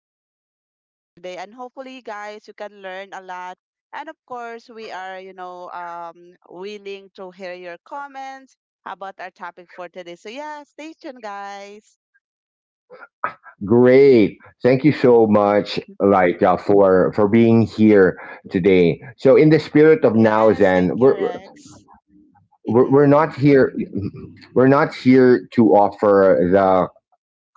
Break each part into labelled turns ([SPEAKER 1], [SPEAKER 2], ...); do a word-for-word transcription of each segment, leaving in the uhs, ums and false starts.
[SPEAKER 1] uh, with our topic today. And hopefully, guys, you can learn a lot. And of course, we are, you know, um, willing to hear your comments about our topic for today. So, yeah, stay tuned, guys.
[SPEAKER 2] Great. Thank you so much, like uh, for for being here today. So, in the spirit of Now
[SPEAKER 1] Yes, thank
[SPEAKER 2] Zen,
[SPEAKER 1] you,
[SPEAKER 2] we're
[SPEAKER 1] Rex.
[SPEAKER 2] we're, we're
[SPEAKER 1] Mm-hmm.
[SPEAKER 2] not here. We're not here to offer the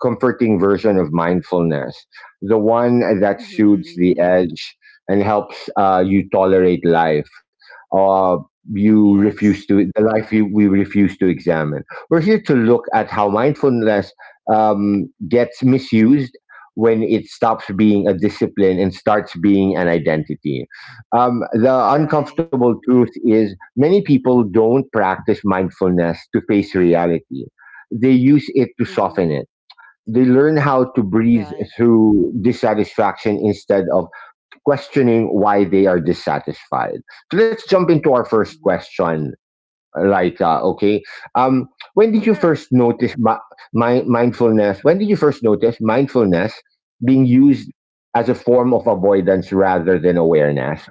[SPEAKER 2] comforting version of mindfulness, the one that soothes
[SPEAKER 1] Mm-hmm.
[SPEAKER 2] the edge and helps uh, you tolerate life. Uh, you refuse
[SPEAKER 1] Yes,
[SPEAKER 2] to the life you, we refuse to examine. We're here to look at how mindfulness um, gets misused when it stops being a discipline and starts being an identity. Um, the
[SPEAKER 1] right.
[SPEAKER 2] uncomfortable truth is many people don't practice mindfulness to face reality. They use it to
[SPEAKER 1] Mm-hmm.
[SPEAKER 2] soften it. They learn how to breathe
[SPEAKER 1] Right.
[SPEAKER 2] through dissatisfaction instead of questioning why they are dissatisfied. So let's jump into our first
[SPEAKER 1] Mm-hmm.
[SPEAKER 2] question. Like, uh, okay. Um, when did you
[SPEAKER 1] Sure.
[SPEAKER 2] first notice my, my mindfulness? When did you first notice mindfulness being used as a form of avoidance rather than awareness?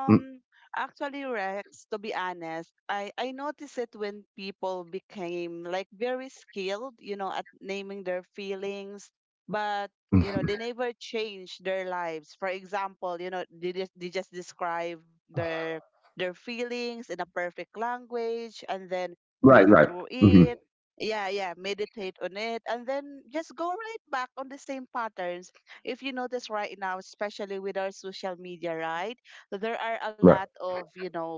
[SPEAKER 2] Mm,
[SPEAKER 1] Actually, Rex, to be honest, I I noticed it when people became like very skilled, you know, at naming their feelings, but you know,
[SPEAKER 2] mm.
[SPEAKER 1] they never changed their lives. For example, you know, they just they just describe their their feelings in a perfect language and then
[SPEAKER 2] Right,
[SPEAKER 1] breathe
[SPEAKER 2] right,
[SPEAKER 1] through
[SPEAKER 2] mhm,
[SPEAKER 1] it. Yeah, yeah, meditate on it and then just go right back on the same patterns. If you notice right now, especially with our social media, right? So there are a
[SPEAKER 2] right.
[SPEAKER 1] lot of you know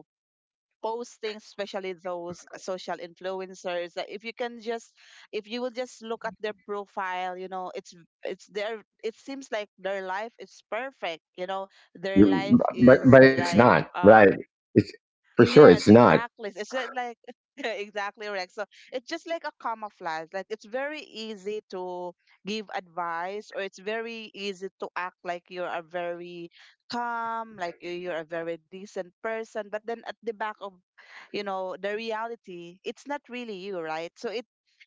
[SPEAKER 1] postings, especially those social influencers that if you can just if you will just look at their profile, you know, it's it's their it seems like their life is perfect, you know, their
[SPEAKER 2] Mm.
[SPEAKER 1] life
[SPEAKER 2] But
[SPEAKER 1] is
[SPEAKER 2] but it's
[SPEAKER 1] like
[SPEAKER 2] not,
[SPEAKER 1] um
[SPEAKER 2] right? It's, for sure
[SPEAKER 1] Yes,
[SPEAKER 2] it's not.
[SPEAKER 1] exactly. It's just like exactly right. So it's just like a camouflage. Like it's very easy to give advice, or it's very easy to act like you're a very calm, like you- you're a very decent person. But then at the back of, you know, the reality, it's not really you, right? So it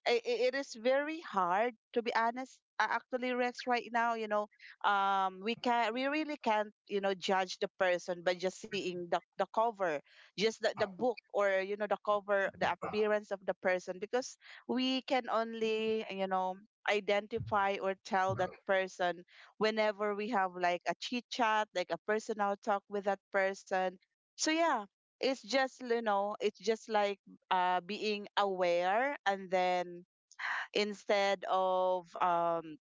[SPEAKER 1] i- i- it is very hard to be honest. uh, Actually, Rex, right now, you know, um, we can we really can't, you know, judge the person by just seeing the the cover, just the, the book, or you know the cover, the appearance of the person, because we can only, you know, identify or tell that person whenever we have like a chit chat, like a personal talk with that person. So yeah, it's just, you know, it's just like uh being aware, and then instead of um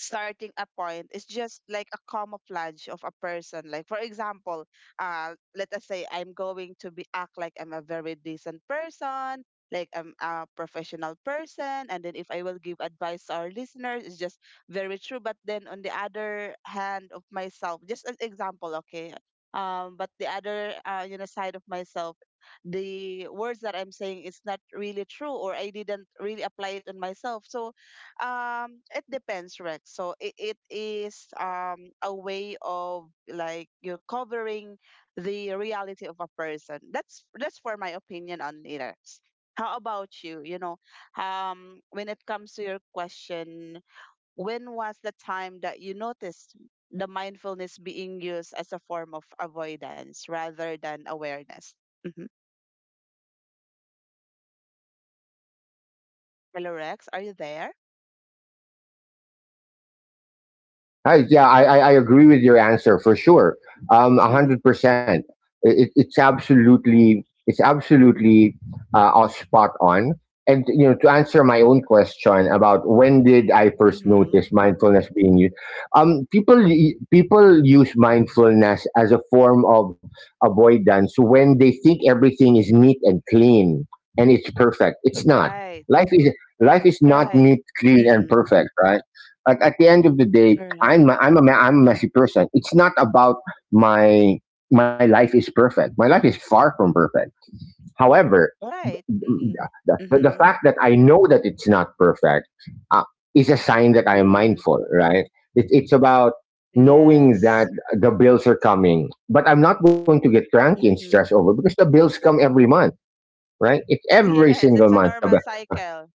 [SPEAKER 1] starting a point is just like a camouflage of a person. Like for example, uh let us say I'm going to be act like I'm a very decent person, like I'm a professional person, and then if I will give advice to our listeners, it's just very true, but then on the other hand of myself, just an example, okay, um but the other uh, you know side of myself, the words that I'm saying is not really true, or I didn't really apply it on myself. So um, it depends, Rex. So it, it is um a way of like you're covering the reality of a person. That's that's for my opinion on it, Rex. How about you? You know, um, when it comes to your question, when was the time that you noticed the mindfulness being used as a form of avoidance rather than awareness? Mm-hmm. Hello, Rex. Are you there?
[SPEAKER 2] Hi, yeah, I, I, I agree with your answer for sure. Um, a
[SPEAKER 1] Mm-hmm.
[SPEAKER 2] hundred percent. It, it's absolutely, it's absolutely uh, uh, spot on. And you know, to answer my own question about when did I first
[SPEAKER 1] Mm-hmm.
[SPEAKER 2] notice mindfulness being used? Um, people, y- people use mindfulness as a form of avoidance when they think everything is neat and clean and it's perfect. It's not.
[SPEAKER 1] Right.
[SPEAKER 2] Life is, life is not
[SPEAKER 1] Right.
[SPEAKER 2] neat, clean, and
[SPEAKER 1] Mm-mm.
[SPEAKER 2] perfect, right? Like at the end of the day,
[SPEAKER 1] Right.
[SPEAKER 2] I'm a- I'm a ma- I'm a messy person. It's not about my my life is perfect. My life is far from perfect. However,
[SPEAKER 1] Right. Mm-mm.
[SPEAKER 2] the, the, the
[SPEAKER 1] Mm-hmm.
[SPEAKER 2] fact that I know that it's not perfect uh, is a sign that I am
[SPEAKER 1] Mm-hmm.
[SPEAKER 2] mindful, right? It, it's about knowing
[SPEAKER 1] Yes.
[SPEAKER 2] that the bills are coming, but I'm not going to get cranky and stressed
[SPEAKER 1] Mm-hmm.
[SPEAKER 2] over because the bills come every month, right? It's every
[SPEAKER 1] Yes,
[SPEAKER 2] single
[SPEAKER 1] it's a
[SPEAKER 2] month.
[SPEAKER 1] normal cycle.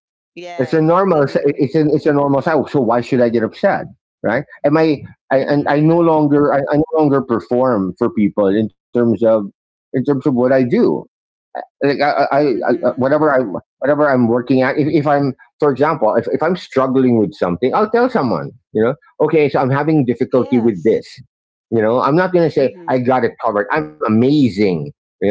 [SPEAKER 2] It's
[SPEAKER 1] Yes.
[SPEAKER 2] a normal. It's a,
[SPEAKER 1] Mm-hmm.
[SPEAKER 2] it's a normal cycle. So why should I get upset, right? Am I? I, and I
[SPEAKER 1] Mm-hmm.
[SPEAKER 2] no
[SPEAKER 1] Uh,
[SPEAKER 2] longer. I, I no longer perform for people in terms of, in terms of what I do. Like I, I, I
[SPEAKER 1] mm-hmm.
[SPEAKER 2] whatever I whatever I'm working at. If, if I'm, for example, if, if I'm struggling with something, I'll tell someone. You know, okay, so I'm having difficulty with
[SPEAKER 1] Yes.
[SPEAKER 2] this. You know, I'm not gonna say I
[SPEAKER 1] Mm-hmm.
[SPEAKER 2] got it covered. I'm amazing. You know,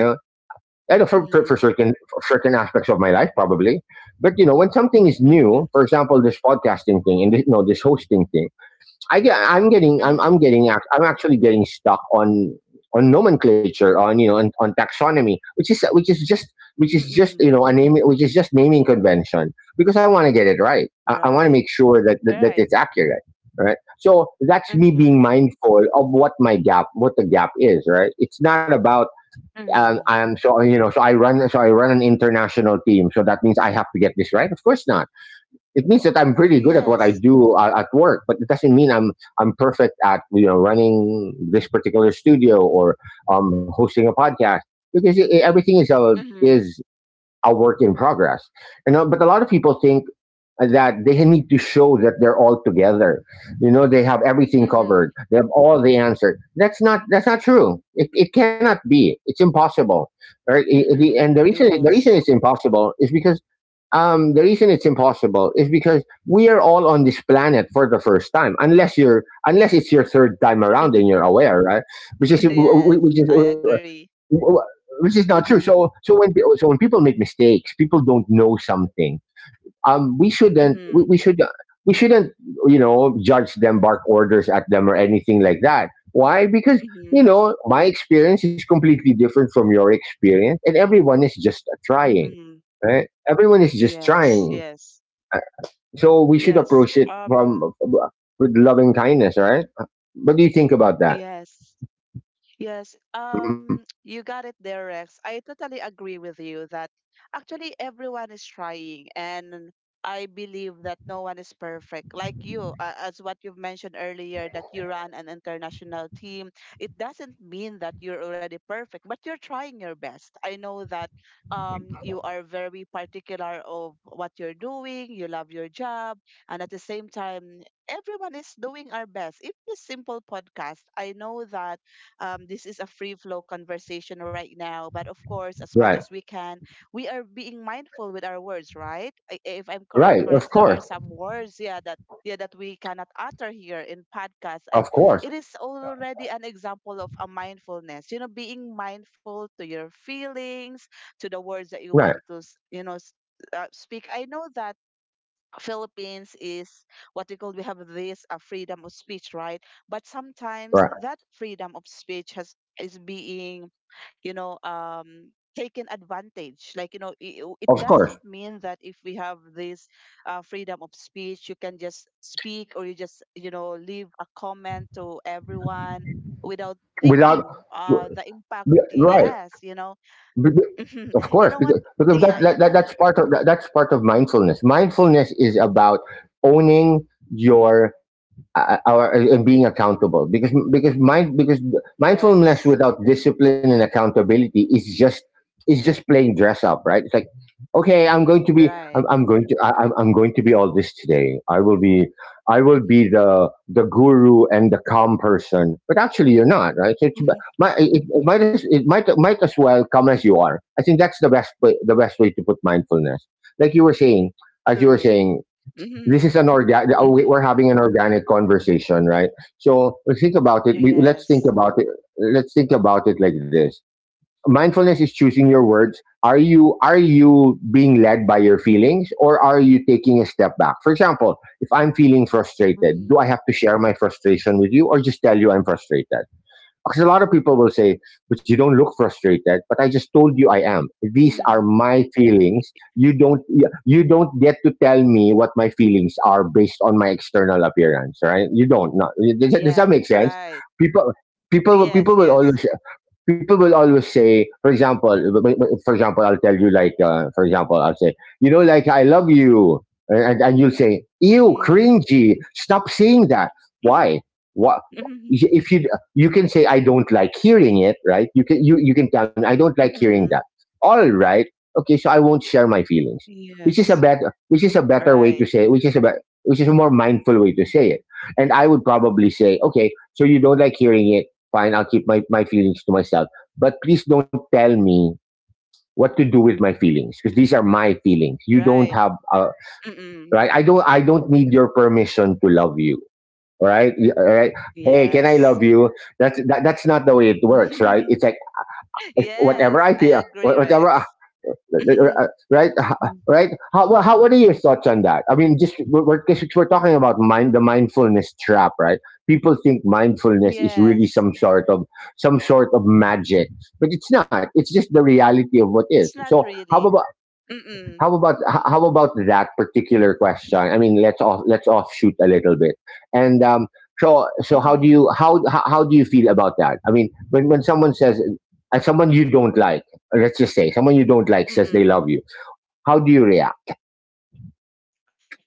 [SPEAKER 2] I know for, for, for
[SPEAKER 1] Mm-hmm.
[SPEAKER 2] certain for certain aspects of my life, probably. But you know, when something is new,
[SPEAKER 1] Mm-hmm.
[SPEAKER 2] for example, this podcasting thing and this, you know this hosting thing, I get I'm getting I'm I'm
[SPEAKER 1] Mm-hmm.
[SPEAKER 2] getting ac- I'm actually getting stuck on on nomenclature, on you know on, on taxonomy, which is which is just which is just
[SPEAKER 1] Mm-hmm.
[SPEAKER 2] you know a name which is just naming convention, because I want to get it right. I, I want to
[SPEAKER 1] Right.
[SPEAKER 2] make sure that, that that
[SPEAKER 1] Right.
[SPEAKER 2] it's accurate. Right. So that's me being
[SPEAKER 1] Mm-hmm.
[SPEAKER 2] mindful of what my gap, what the gap is, right? It's not about um,
[SPEAKER 1] Mm-hmm.
[SPEAKER 2] and so, you know, so I run, so I run an international team. So that means I have to get this right. Of course not. It means that I'm pretty good at what I
[SPEAKER 1] Yes.
[SPEAKER 2] do uh, at work, but it doesn't mean I'm I'm perfect at, you know, running this particular studio or um, hosting a podcast, because it, everything is a,
[SPEAKER 1] Mm-hmm.
[SPEAKER 2] is a work in progress. You know, but a lot of people think that they need to show that they're all together. You know, they have everything
[SPEAKER 1] Mm-hmm.
[SPEAKER 2] covered. They have all the answer. That's not that's not true. It, it cannot be. It's impossible. Right? I- I- the-
[SPEAKER 1] Mm-hmm.
[SPEAKER 2] and the reason the reason
[SPEAKER 1] Yes.
[SPEAKER 2] it's impossible is because um, the reason it's impossible is because we are all on this planet for the first time, unless you're, unless it's your third time around and you're aware, right? Which is
[SPEAKER 1] Yes, I
[SPEAKER 2] which
[SPEAKER 1] agree.
[SPEAKER 2] is which is not true. So,
[SPEAKER 1] Mm-hmm.
[SPEAKER 2] so when so when people make mistakes, people don't know something. Um, we shouldn't we,
[SPEAKER 1] Mm-hmm.
[SPEAKER 2] we should We shouldn't, you know, judge them, bark orders at them, or anything like that. Why? Because, you
[SPEAKER 1] Mm-hmm.
[SPEAKER 2] know, my experience is completely different from your experience, and everyone is just trying,
[SPEAKER 1] Mm-hmm.
[SPEAKER 2] right? Everyone is just
[SPEAKER 1] Yes,
[SPEAKER 2] trying.
[SPEAKER 1] yes,
[SPEAKER 2] Uh, So we should
[SPEAKER 1] yes.
[SPEAKER 2] approach it from
[SPEAKER 1] Um,
[SPEAKER 2] with loving kindness, right? What do you think about that?
[SPEAKER 1] yes. Yes,
[SPEAKER 2] Mhm.
[SPEAKER 1] um, you got it there, Rex. I totally agree with you that actually everyone is trying, and I believe that no one is perfect. Like you, uh, as what you've mentioned earlier, that you run an international team, it doesn't mean that you're already perfect, but you're trying your best. I know that um, you are very particular of what you're doing, you love your job, and at the same time, everyone is doing our best. Even this simple podcast, I know that um, this is a free flow conversation right now, but of course, as much
[SPEAKER 2] Right,
[SPEAKER 1] as we can, we are being mindful with our words, right? I- If I'm correct,
[SPEAKER 2] right. Of
[SPEAKER 1] correct, there are
[SPEAKER 2] course,
[SPEAKER 1] some words, yeah, that yeah that we cannot utter here in podcast, and
[SPEAKER 2] of course.
[SPEAKER 1] it is already an example of a mindfulness, you know, being mindful to your feelings, to the words that you
[SPEAKER 2] Right,
[SPEAKER 1] want to s- you know s- uh, speak. I know that Philippines is what we call, we have this uh, freedom of speech, right? But sometimes
[SPEAKER 2] right.
[SPEAKER 1] that freedom of speech has is being, you know, um, taken advantage. Like you know, it, it
[SPEAKER 2] Of course.
[SPEAKER 1] doesn't mean that if we have this uh, freedom of speech, you can just speak, or you just you know leave a comment to everyone without
[SPEAKER 2] Without,
[SPEAKER 1] thinking uh the impact.
[SPEAKER 2] right,
[SPEAKER 1] Yes, you know,
[SPEAKER 2] of
[SPEAKER 1] you
[SPEAKER 2] course,
[SPEAKER 1] know what?
[SPEAKER 2] because because that,
[SPEAKER 1] Yeah, you
[SPEAKER 2] that, that
[SPEAKER 1] know.
[SPEAKER 2] that's part of, that, that's part of mindfulness. Mindfulness is about owning your uh, our, and being accountable, because because mind because mindfulness
[SPEAKER 1] Yes,
[SPEAKER 2] without discipline and accountability is just, is just playing dress up, right? It's like, okay, i'm going to be
[SPEAKER 1] right.
[SPEAKER 2] i'm, I'm going to I, I'm, I'm going to be all this today. I will be i will be the, the guru and the calm person, but actually you're not, right? So it's, mi- it, it might as it might might as well come as you are. I think that's the best way, the best way to put mindfulness, like you were saying, as you were
[SPEAKER 1] True.
[SPEAKER 2] saying this
[SPEAKER 1] Mhm.
[SPEAKER 2] is an organic we're
[SPEAKER 1] Mhm.
[SPEAKER 2] having an organic conversation, right? So think about it, we, let's think
[SPEAKER 1] Yes.
[SPEAKER 2] about it Let's think about it like this. Mindfulness is choosing your words. Are you are you being led by your feelings, or are you taking a step back? For example, if I'm feeling frustrated, do
[SPEAKER 1] Mhm.
[SPEAKER 2] I have to share my frustration with you, or just tell you I'm frustrated? Because a lot of people will say, but you don't look frustrated. But I just told you I am. These are
[SPEAKER 1] Mhm.
[SPEAKER 2] my feelings. You don't yeah, you don't get to tell me what my feelings are based on my external appearance, right? You don't. No. Does, that- does
[SPEAKER 1] Yeah.
[SPEAKER 2] that make sense?
[SPEAKER 1] Right.
[SPEAKER 2] People people will-
[SPEAKER 1] Yes.
[SPEAKER 2] people will
[SPEAKER 1] Yes.
[SPEAKER 2] always people will always say, for example, w- w- for example, I'll tell you, like, uh, for example, I'll say, you know, like, I love you, and, and you'll say, ew,
[SPEAKER 1] Mhm.
[SPEAKER 2] cringy. Stop saying that.
[SPEAKER 1] Mhm.
[SPEAKER 2] Why? What?
[SPEAKER 1] Mhm.
[SPEAKER 2] If you you can say, I don't like hearing it, right? You can you you can tell me, I don't like hearing that.
[SPEAKER 1] Mhm.
[SPEAKER 2] All right, okay, so I won't share my feelings, which is a
[SPEAKER 1] Yes.
[SPEAKER 2] better, which is a better way
[SPEAKER 1] Right.
[SPEAKER 2] to say it, which is a bet- which is a more mindful way to say it. And I would probably say, okay, so you don't like hearing it. Fine, I'll keep my, my feelings to myself. But please don't tell me what to do with my feelings, because these are my feelings. You don't
[SPEAKER 1] Right.
[SPEAKER 2] have, uh,
[SPEAKER 1] Mm-mm.
[SPEAKER 2] right? I don't, I don't need your permission to love you, right? Y- Right? Hey, can I
[SPEAKER 1] Yes.
[SPEAKER 2] love you? That's that, that's not the way it works, right? It's like, if whatever
[SPEAKER 1] Yes.
[SPEAKER 2] I
[SPEAKER 1] I
[SPEAKER 2] feel, wha-
[SPEAKER 1] agree,
[SPEAKER 2] whatever, uh,
[SPEAKER 1] Rex. Mhm.
[SPEAKER 2] uh, uh, right? Uh,
[SPEAKER 1] Mm.
[SPEAKER 2] Right? How, wha- how what are your thoughts on that? I mean, just we're, we're 'cause we're talking about mind the mindfulness trap, right? People think mindfulness is really
[SPEAKER 1] Yes.
[SPEAKER 2] some sort of, some sort of magic, but it's not. It's just the reality of what is.
[SPEAKER 1] It's not
[SPEAKER 2] So, how
[SPEAKER 1] really.
[SPEAKER 2] about,
[SPEAKER 1] Mm-mm.
[SPEAKER 2] how about h- how about that particular question? I mean, let's off let's offshoot a little bit, and um, so, so how do you,
[SPEAKER 1] Mhm.
[SPEAKER 2] how how how do you feel about that? I mean, when when someone says, uh, someone you don't like, let's just say someone you don't like says they love
[SPEAKER 1] Mm-mm.
[SPEAKER 2] you, how do you react?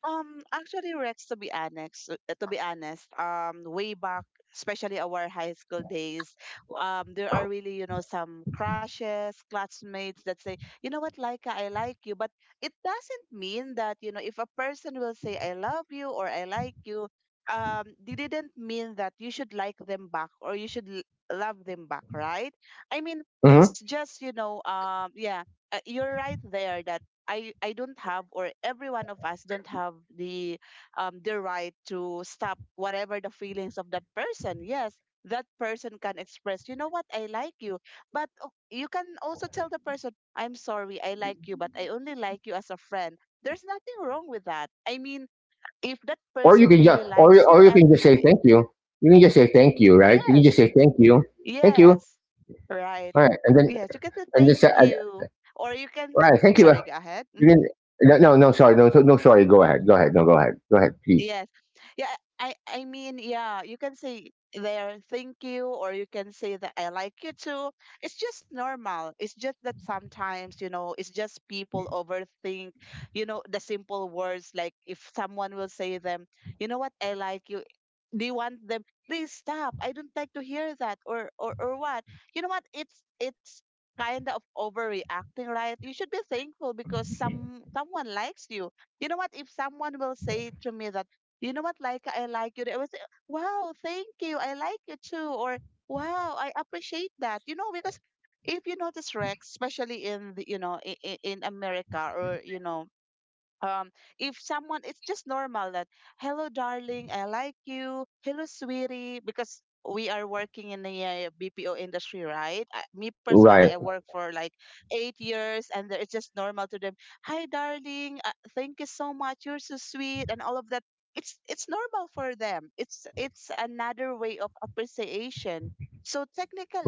[SPEAKER 1] Um, actually, Rex, to be honest, uh, to be honest, um, way back, especially our high school days, um, there are really, you know, some crushes, classmates that say, you know what, Laika, I like you, but it doesn't mean that, you know, if a person will say, I love you or I like you, um, they didn't mean that you should like them back or you should l- love them back, right? I mean,
[SPEAKER 2] Hmm.
[SPEAKER 1] it's just, you know, um, yeah, uh, you're right there that I I don't have or every one of us don't have the um the right to stop whatever the feelings of that person. Yes, that person can express, you know what, I like you. But o- you can also tell the person, I'm sorry, I like you, but I only like you as a friend. There's nothing wrong with that. I mean, if that
[SPEAKER 2] Or you
[SPEAKER 1] person
[SPEAKER 2] can just,
[SPEAKER 1] really
[SPEAKER 2] or you-
[SPEAKER 1] likes you
[SPEAKER 2] or you can
[SPEAKER 1] and
[SPEAKER 2] just say
[SPEAKER 1] y-
[SPEAKER 2] thank you. You can just say thank you, right? You can just
[SPEAKER 1] yes,
[SPEAKER 2] say thank you, thank you.
[SPEAKER 1] yes, right.
[SPEAKER 2] All right, and then
[SPEAKER 1] Yes, you can say
[SPEAKER 2] and then
[SPEAKER 1] thank
[SPEAKER 2] say, uh,
[SPEAKER 1] you. Or you can,
[SPEAKER 2] all right, thank you.
[SPEAKER 1] sorry, go ahead.
[SPEAKER 2] You can
[SPEAKER 1] Mm-hmm.
[SPEAKER 2] No, no, no, sorry. No, so- no, sorry. Go ahead, go ahead. No, go ahead, go ahead, please.
[SPEAKER 1] Yes. Yeah, I I mean, yeah, you can say there thank you, or you can say that I like you too. It's just normal. It's just that sometimes, you know, it's just people overthink, you know, the simple words like if someone will say them, you know what, I like you. Do you want them? Please stop. I don't like to hear that or or or what? You know what? It's it's kind of overreacting, right? You should be thankful because some someone likes you. You know what, if someone will say to me that, you know what, like I like you. I was, uh, wow, thank you. I like you too. Or, wow, I appreciate that. You know, because if you notice, Rex, especially in the, you know, in, in America, or, you know, um if someone, it's just normal that hello darling I like you, hello sweetie, because we are working in the uh, BPO industry, right? I, me personally, I
[SPEAKER 2] Right.
[SPEAKER 1] work for like eight years, and the- it's just normal to them, hi darling, uh, thank you so much, you're so sweet and all of that. it's it's normal for them, it's it's another way of appreciation. So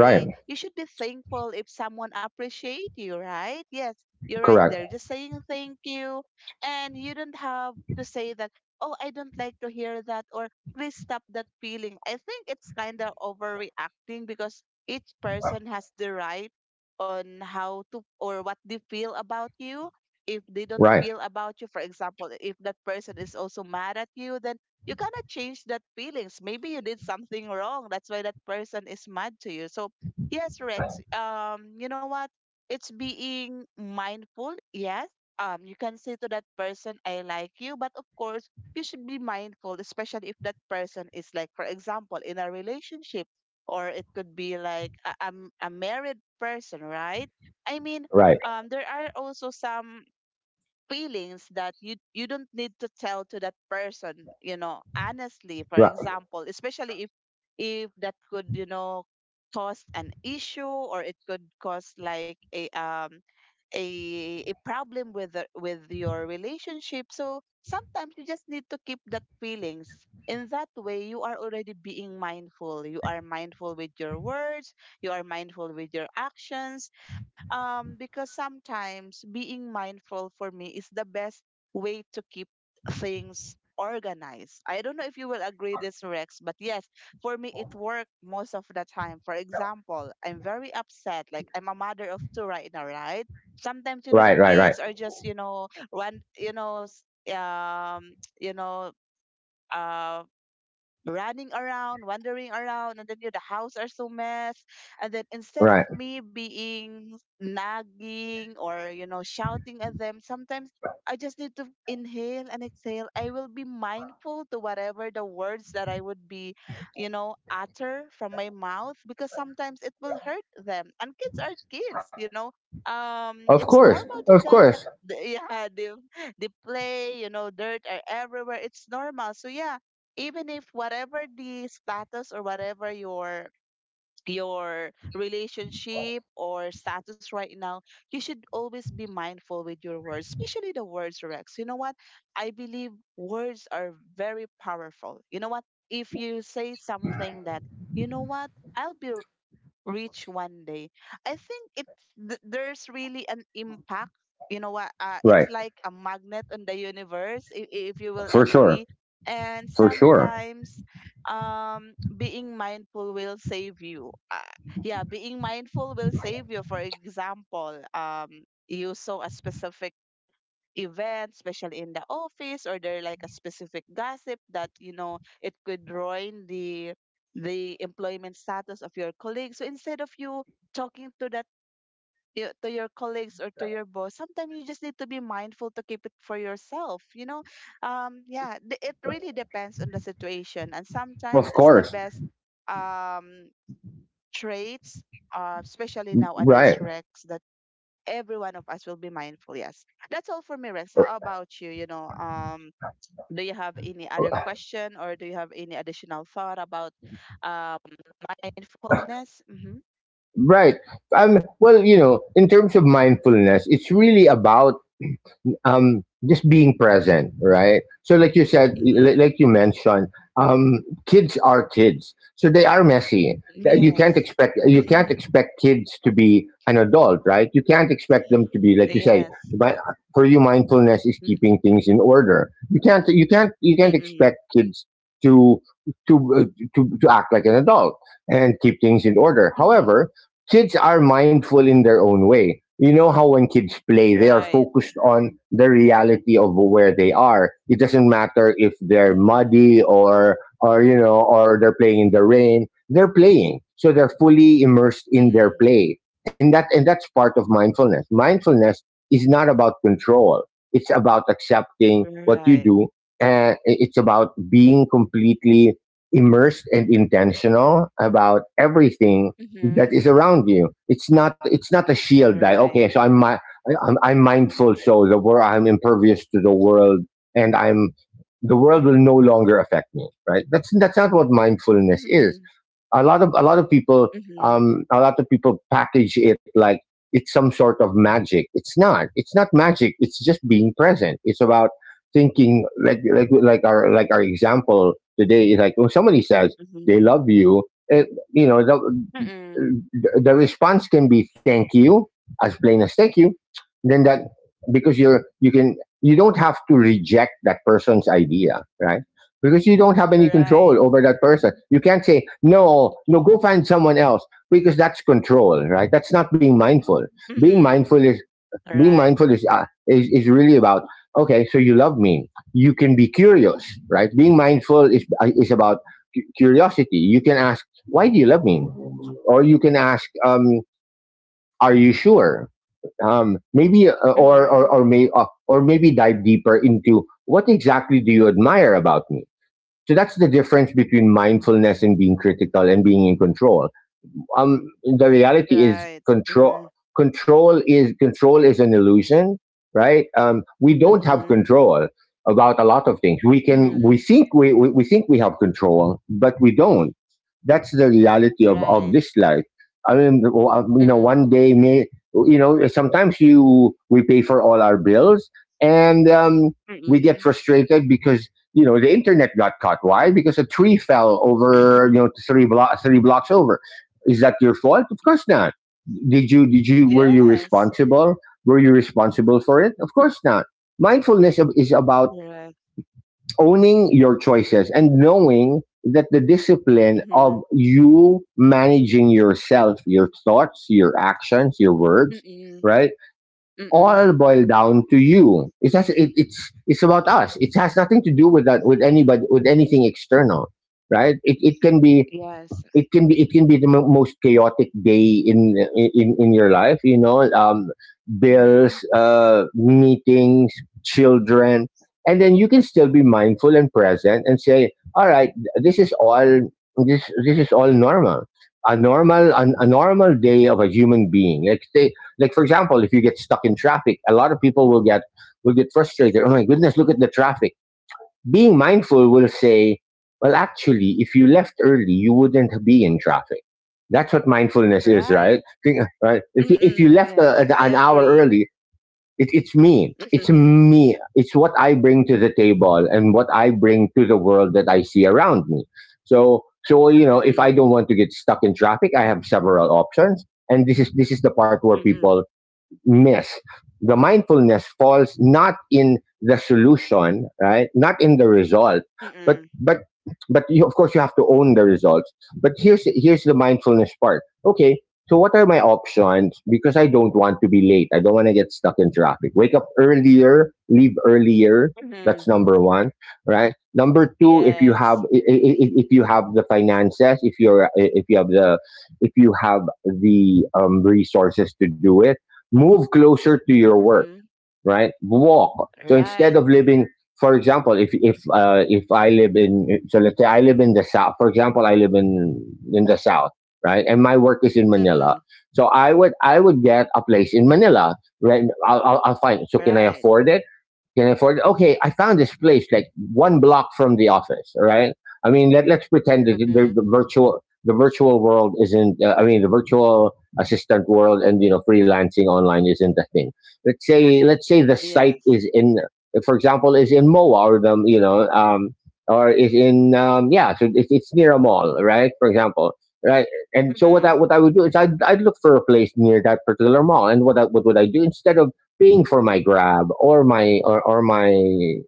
[SPEAKER 2] Right.
[SPEAKER 1] you should be thankful if someone appreciate you, right? Yes, you're right
[SPEAKER 2] Correct.
[SPEAKER 1] there, just saying thank you, and you don't have to say that, oh, I don't like to hear that, or please stop that feeling. I think it's kind of overreacting, because each person has the right on how to or what they feel about you. If they don't
[SPEAKER 2] Right.
[SPEAKER 1] feel about you, for example, if that person is also mad at you, then you cannot change that feelings. Maybe you did something wrong. That's why that person is mad to you. So yes, Rex, um, you know what? It's being mindful, yes, um you can say to that person I like you, but of course you should be mindful, especially if that person is like, for example, in a relationship, or it could be like a, I'm a married person, right? I mean,
[SPEAKER 2] Right.
[SPEAKER 1] um there are also some feelings that you you don't need to tell to that person, you know, honestly, for
[SPEAKER 2] Right.
[SPEAKER 1] example, especially if if that could, you know, cause an issue, or it could cause like a um a, a problem with the, with your relationship. So sometimes you just need to keep that feelings. In that way, you are already being mindful, you are mindful with your words, you are mindful with your actions. um, because sometimes being mindful for me is the best way to keep things organized. I don't know if you will agree this, Rex, but yes, for me it worked most of the time. For example, I'm very upset, like I'm a mother of two right now, right? Sometimes, you know, the
[SPEAKER 2] Right. Right. Right.
[SPEAKER 1] kids are just, you know, one, you know, s- um you know uh running around, wandering around, and then you know, the house are so mess. And then instead of
[SPEAKER 2] Right.
[SPEAKER 1] me being nagging or you know shouting at them, sometimes I just need to inhale and exhale. I will be mindful to whatever the words that I would be, you know, utter from my mouth because sometimes it will hurt them. And kids are kids, you know. Um,
[SPEAKER 2] Of
[SPEAKER 1] it's
[SPEAKER 2] course.
[SPEAKER 1] normal to
[SPEAKER 2] Of
[SPEAKER 1] them that
[SPEAKER 2] course.
[SPEAKER 1] they- yeah, they, they play, you know, dirt are everywhere. It's normal. So, yeah, even if whatever the status or whatever your your relationship or status right now, you should always be mindful with your words, especially the words, Rex. You know what, I believe words are very powerful. You know what, if you say something that, you know what, I'll be reach one day. I think it th- there's really an impact. You know what? Uh,
[SPEAKER 2] Right.
[SPEAKER 1] it's like a magnet on the universe, if, if you will
[SPEAKER 2] For sure.
[SPEAKER 1] agree. And
[SPEAKER 2] For sure.
[SPEAKER 1] sometimes, um, being mindful will save you. Uh, yeah, being mindful will save you. For example, um, you saw a specific event, especially in the office, or there like a specific gossip that you know it could ruin the the employment status of your colleagues. So instead of you talking to that y- to your colleagues or to your boss, sometimes you just need to be mindful to keep it for yourself. You know, um, yeah, th- it really depends on the situation, and sometimes
[SPEAKER 2] Of
[SPEAKER 1] it's the
[SPEAKER 2] course.
[SPEAKER 1] best um traits, uh, especially nowadays,
[SPEAKER 2] Right.
[SPEAKER 1] Rex, that every one of us will be mindful. Yes. That's all for me, Rex. How about you? You know, um, do you have any other question or do you have any additional thought about um, mindfulness? Mm-hmm.
[SPEAKER 2] Right. Um, well, you know, in terms of mindfulness, it's really about um just being present, right? So like you said, li-
[SPEAKER 1] Mm-hmm.
[SPEAKER 2] like you mentioned, um kids are kids, so they are messy. Th- you can't
[SPEAKER 1] Yes.
[SPEAKER 2] expect you can't expect kids to be an adult, right? You can't expect them to be like you say.
[SPEAKER 1] Yes.
[SPEAKER 2] But for you, mindfulness is keeping things in order. You can't you can't you can't
[SPEAKER 1] Mm-mm.
[SPEAKER 2] expect kids to to uh, to to act like an adult and keep things in order.
[SPEAKER 1] Mm-hmm.
[SPEAKER 2] However, kids are mindful in their own way. You know how when kids play, they are
[SPEAKER 1] Right.
[SPEAKER 2] focused on the reality of where they are. It doesn't matter if they're
[SPEAKER 1] Mm-hmm.
[SPEAKER 2] muddy or or you know or they're playing in the rain. They're playing, so they're fully immersed in their
[SPEAKER 1] Mm-mm.
[SPEAKER 2] play, and that and that's part of mindfulness. Mindfulness is not about control. It's about accepting what you
[SPEAKER 1] Right.
[SPEAKER 2] do, and it's about being completely immersed and intentional about everything
[SPEAKER 1] Mm-hmm.
[SPEAKER 2] that is around you. It's not it's not a shield, that,
[SPEAKER 1] Right.
[SPEAKER 2] okay, so I'm I'm, I'm mindful, so the world, I'm impervious to the world, and I'm the world will no longer affect me. Right? That's that's not what mindfulness
[SPEAKER 1] Mm-hmm.
[SPEAKER 2] is. A lot of a lot of people
[SPEAKER 1] Mm-hmm.
[SPEAKER 2] um a lot of people package it like it's some sort of magic. It's not. It's not magic. It's just being present. It's about thinking like like like our like our example today is like when somebody says they
[SPEAKER 1] Mm-hmm.
[SPEAKER 2] love you it, you know,
[SPEAKER 1] Mm-mm.
[SPEAKER 2] the response can be thank you, as plain as thank you, then that, because you're you can you don't have to reject that person's idea, right? Because you don't have any
[SPEAKER 1] Right.
[SPEAKER 2] control over that person, you can't say, "No, no, go find someone else," because that's control, right? That's not being mindful. being
[SPEAKER 1] Mm-mm.
[SPEAKER 2] mindful is being
[SPEAKER 1] Right.
[SPEAKER 2] mindful is uh, is, is really about, okay, so you love me, you can be curious, right? Being mindful is uh, is about cu- curiosity. You can ask, why do you love me? Or you can ask, um, "Are you sure?" Um, maybe, uh, or or
[SPEAKER 1] Mm-hmm.
[SPEAKER 2] or may uh, or maybe dive deeper into what exactly do you admire about me. So that's the difference between mindfulness and being critical and being in control. Um the reality is
[SPEAKER 1] Right.
[SPEAKER 2] control.
[SPEAKER 1] Mm-hmm.
[SPEAKER 2] Control is control is an illusion. Right? Um we don't have
[SPEAKER 1] Mm-hmm.
[SPEAKER 2] control about a lot of things. We can
[SPEAKER 1] Mm-hmm.
[SPEAKER 2] we think we we, we think we have control, but we don't. That's the reality of
[SPEAKER 1] Right.
[SPEAKER 2] of this life. I mean, you know,
[SPEAKER 1] Mm-mm.
[SPEAKER 2] one day may, you know, sometimes you we pay for all our bills, and um we get
[SPEAKER 1] Mm-mm.
[SPEAKER 2] frustrated because, you know, the internet got cut. Why? Because a tree fell over, you know, three blocks three blocks over. Is that your fault? Of course not. Did you did you Were you
[SPEAKER 1] Yes.
[SPEAKER 2] responsible? Were you responsible for it? Of course not. Mindfulness is about
[SPEAKER 1] Right.
[SPEAKER 2] owning your choices and knowing that the discipline
[SPEAKER 1] Mm-hmm.
[SPEAKER 2] of you managing yourself, your thoughts, your actions, your words,
[SPEAKER 1] Mm-mm.
[SPEAKER 2] right?
[SPEAKER 1] Mm-mm.
[SPEAKER 2] All boil down to you. It's has, it, it's it's about us. It has nothing to do with that with anybody, with anything external, right? It it can be
[SPEAKER 1] Yes.
[SPEAKER 2] it can be it can be the mo- most chaotic day in in in your life, you know, um
[SPEAKER 1] Mm-hmm.
[SPEAKER 2] bills, uh meetings, children, and then you can still be mindful and present and say, all right, this is all, this this is all normal, a normal an, a normal day of a human being. Like say, like, for example, if you get stuck in traffic, a lot of people will get will get frustrated, oh my goodness, look at the traffic. Being mindful will say, well, actually, if you left early, you wouldn't be in traffic. That's what mindfulness is,
[SPEAKER 1] Right.
[SPEAKER 2] right? Think- right? If, you- if you
[SPEAKER 1] Mm-mm.
[SPEAKER 2] left a,
[SPEAKER 1] Yes. I
[SPEAKER 2] a- an hour
[SPEAKER 1] agree.
[SPEAKER 2] early, it, it's me. It's
[SPEAKER 1] Mm-mm.
[SPEAKER 2] me. It's what I bring to the table and what I bring to the world that I see around me. So, so you know, if I
[SPEAKER 1] Mm-mm.
[SPEAKER 2] don't want to get stuck in traffic, I have several options, and this is this is the part where
[SPEAKER 1] Mm-mm.
[SPEAKER 2] people miss. The mindfulness falls not in the solution, right? Not in the result, but
[SPEAKER 1] Mm-mm.
[SPEAKER 2] but but you, of course, you have to own the results. But here's here's the mindfulness part. Okay, so what are my options? Because I don't want to be late. I don't want to get stuck in traffic. Wake up earlier, leave earlier. That's
[SPEAKER 1] Mm-mm.
[SPEAKER 2] number one, right? Number two, if you have
[SPEAKER 1] Yes.
[SPEAKER 2] i- if you have the finances, if you're if you have the, if you have the um, resources to do it, move closer to your work,
[SPEAKER 1] Mm-mm.
[SPEAKER 2] right? Walk. So instead
[SPEAKER 1] Right.
[SPEAKER 2] of living, for example, if if uh, if I live in, so let's say I live in the south. For example, I live in in the south, right? And my work is in Manila.
[SPEAKER 1] Mm-mm.
[SPEAKER 2] So I would I would get a place in Manila. Right? I'll I'll, I'll find. So can I
[SPEAKER 1] Right.
[SPEAKER 2] afford it? can afford it. Okay, I found this place like one block from the office. All right. I mean, let, let's pretend that the,
[SPEAKER 1] Mm-hmm.
[SPEAKER 2] the virtual the virtual world isn't. Uh, I mean, the virtual assistant world, and, you know, freelancing online isn't a thing. Let's say let's say the site
[SPEAKER 1] Yes.
[SPEAKER 2] is in, for example, is in Moa, or the, you know, um, or is in, um, yeah, so it, it's near a mall, right? For example. Right, and so what I
[SPEAKER 1] Mm-hmm.
[SPEAKER 2] what I would do is, I'd, I'd look for a place near that particular mall, and what I, what would I do instead of paying for my grab, or my or, or my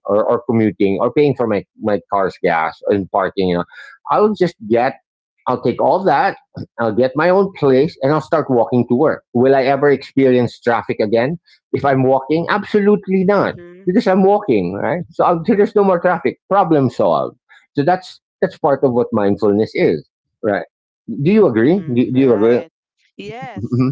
[SPEAKER 2] or, or commuting, or paying for my my car's gas and parking, you know. I'll just get I'll take all that, I'll get my own place, and I'll start walking to work. Will I ever experience traffic again if I'm walking? Absolutely not,
[SPEAKER 1] Mm-hmm.
[SPEAKER 2] because I'm walking, right? So, I'll, so there's no more traffic, problem solved. So that's that's part of what mindfulness is, right? Do you agree? do,
[SPEAKER 1] Mm-hmm.
[SPEAKER 2] do you agree?
[SPEAKER 1] Right. Yes.
[SPEAKER 2] Mhm.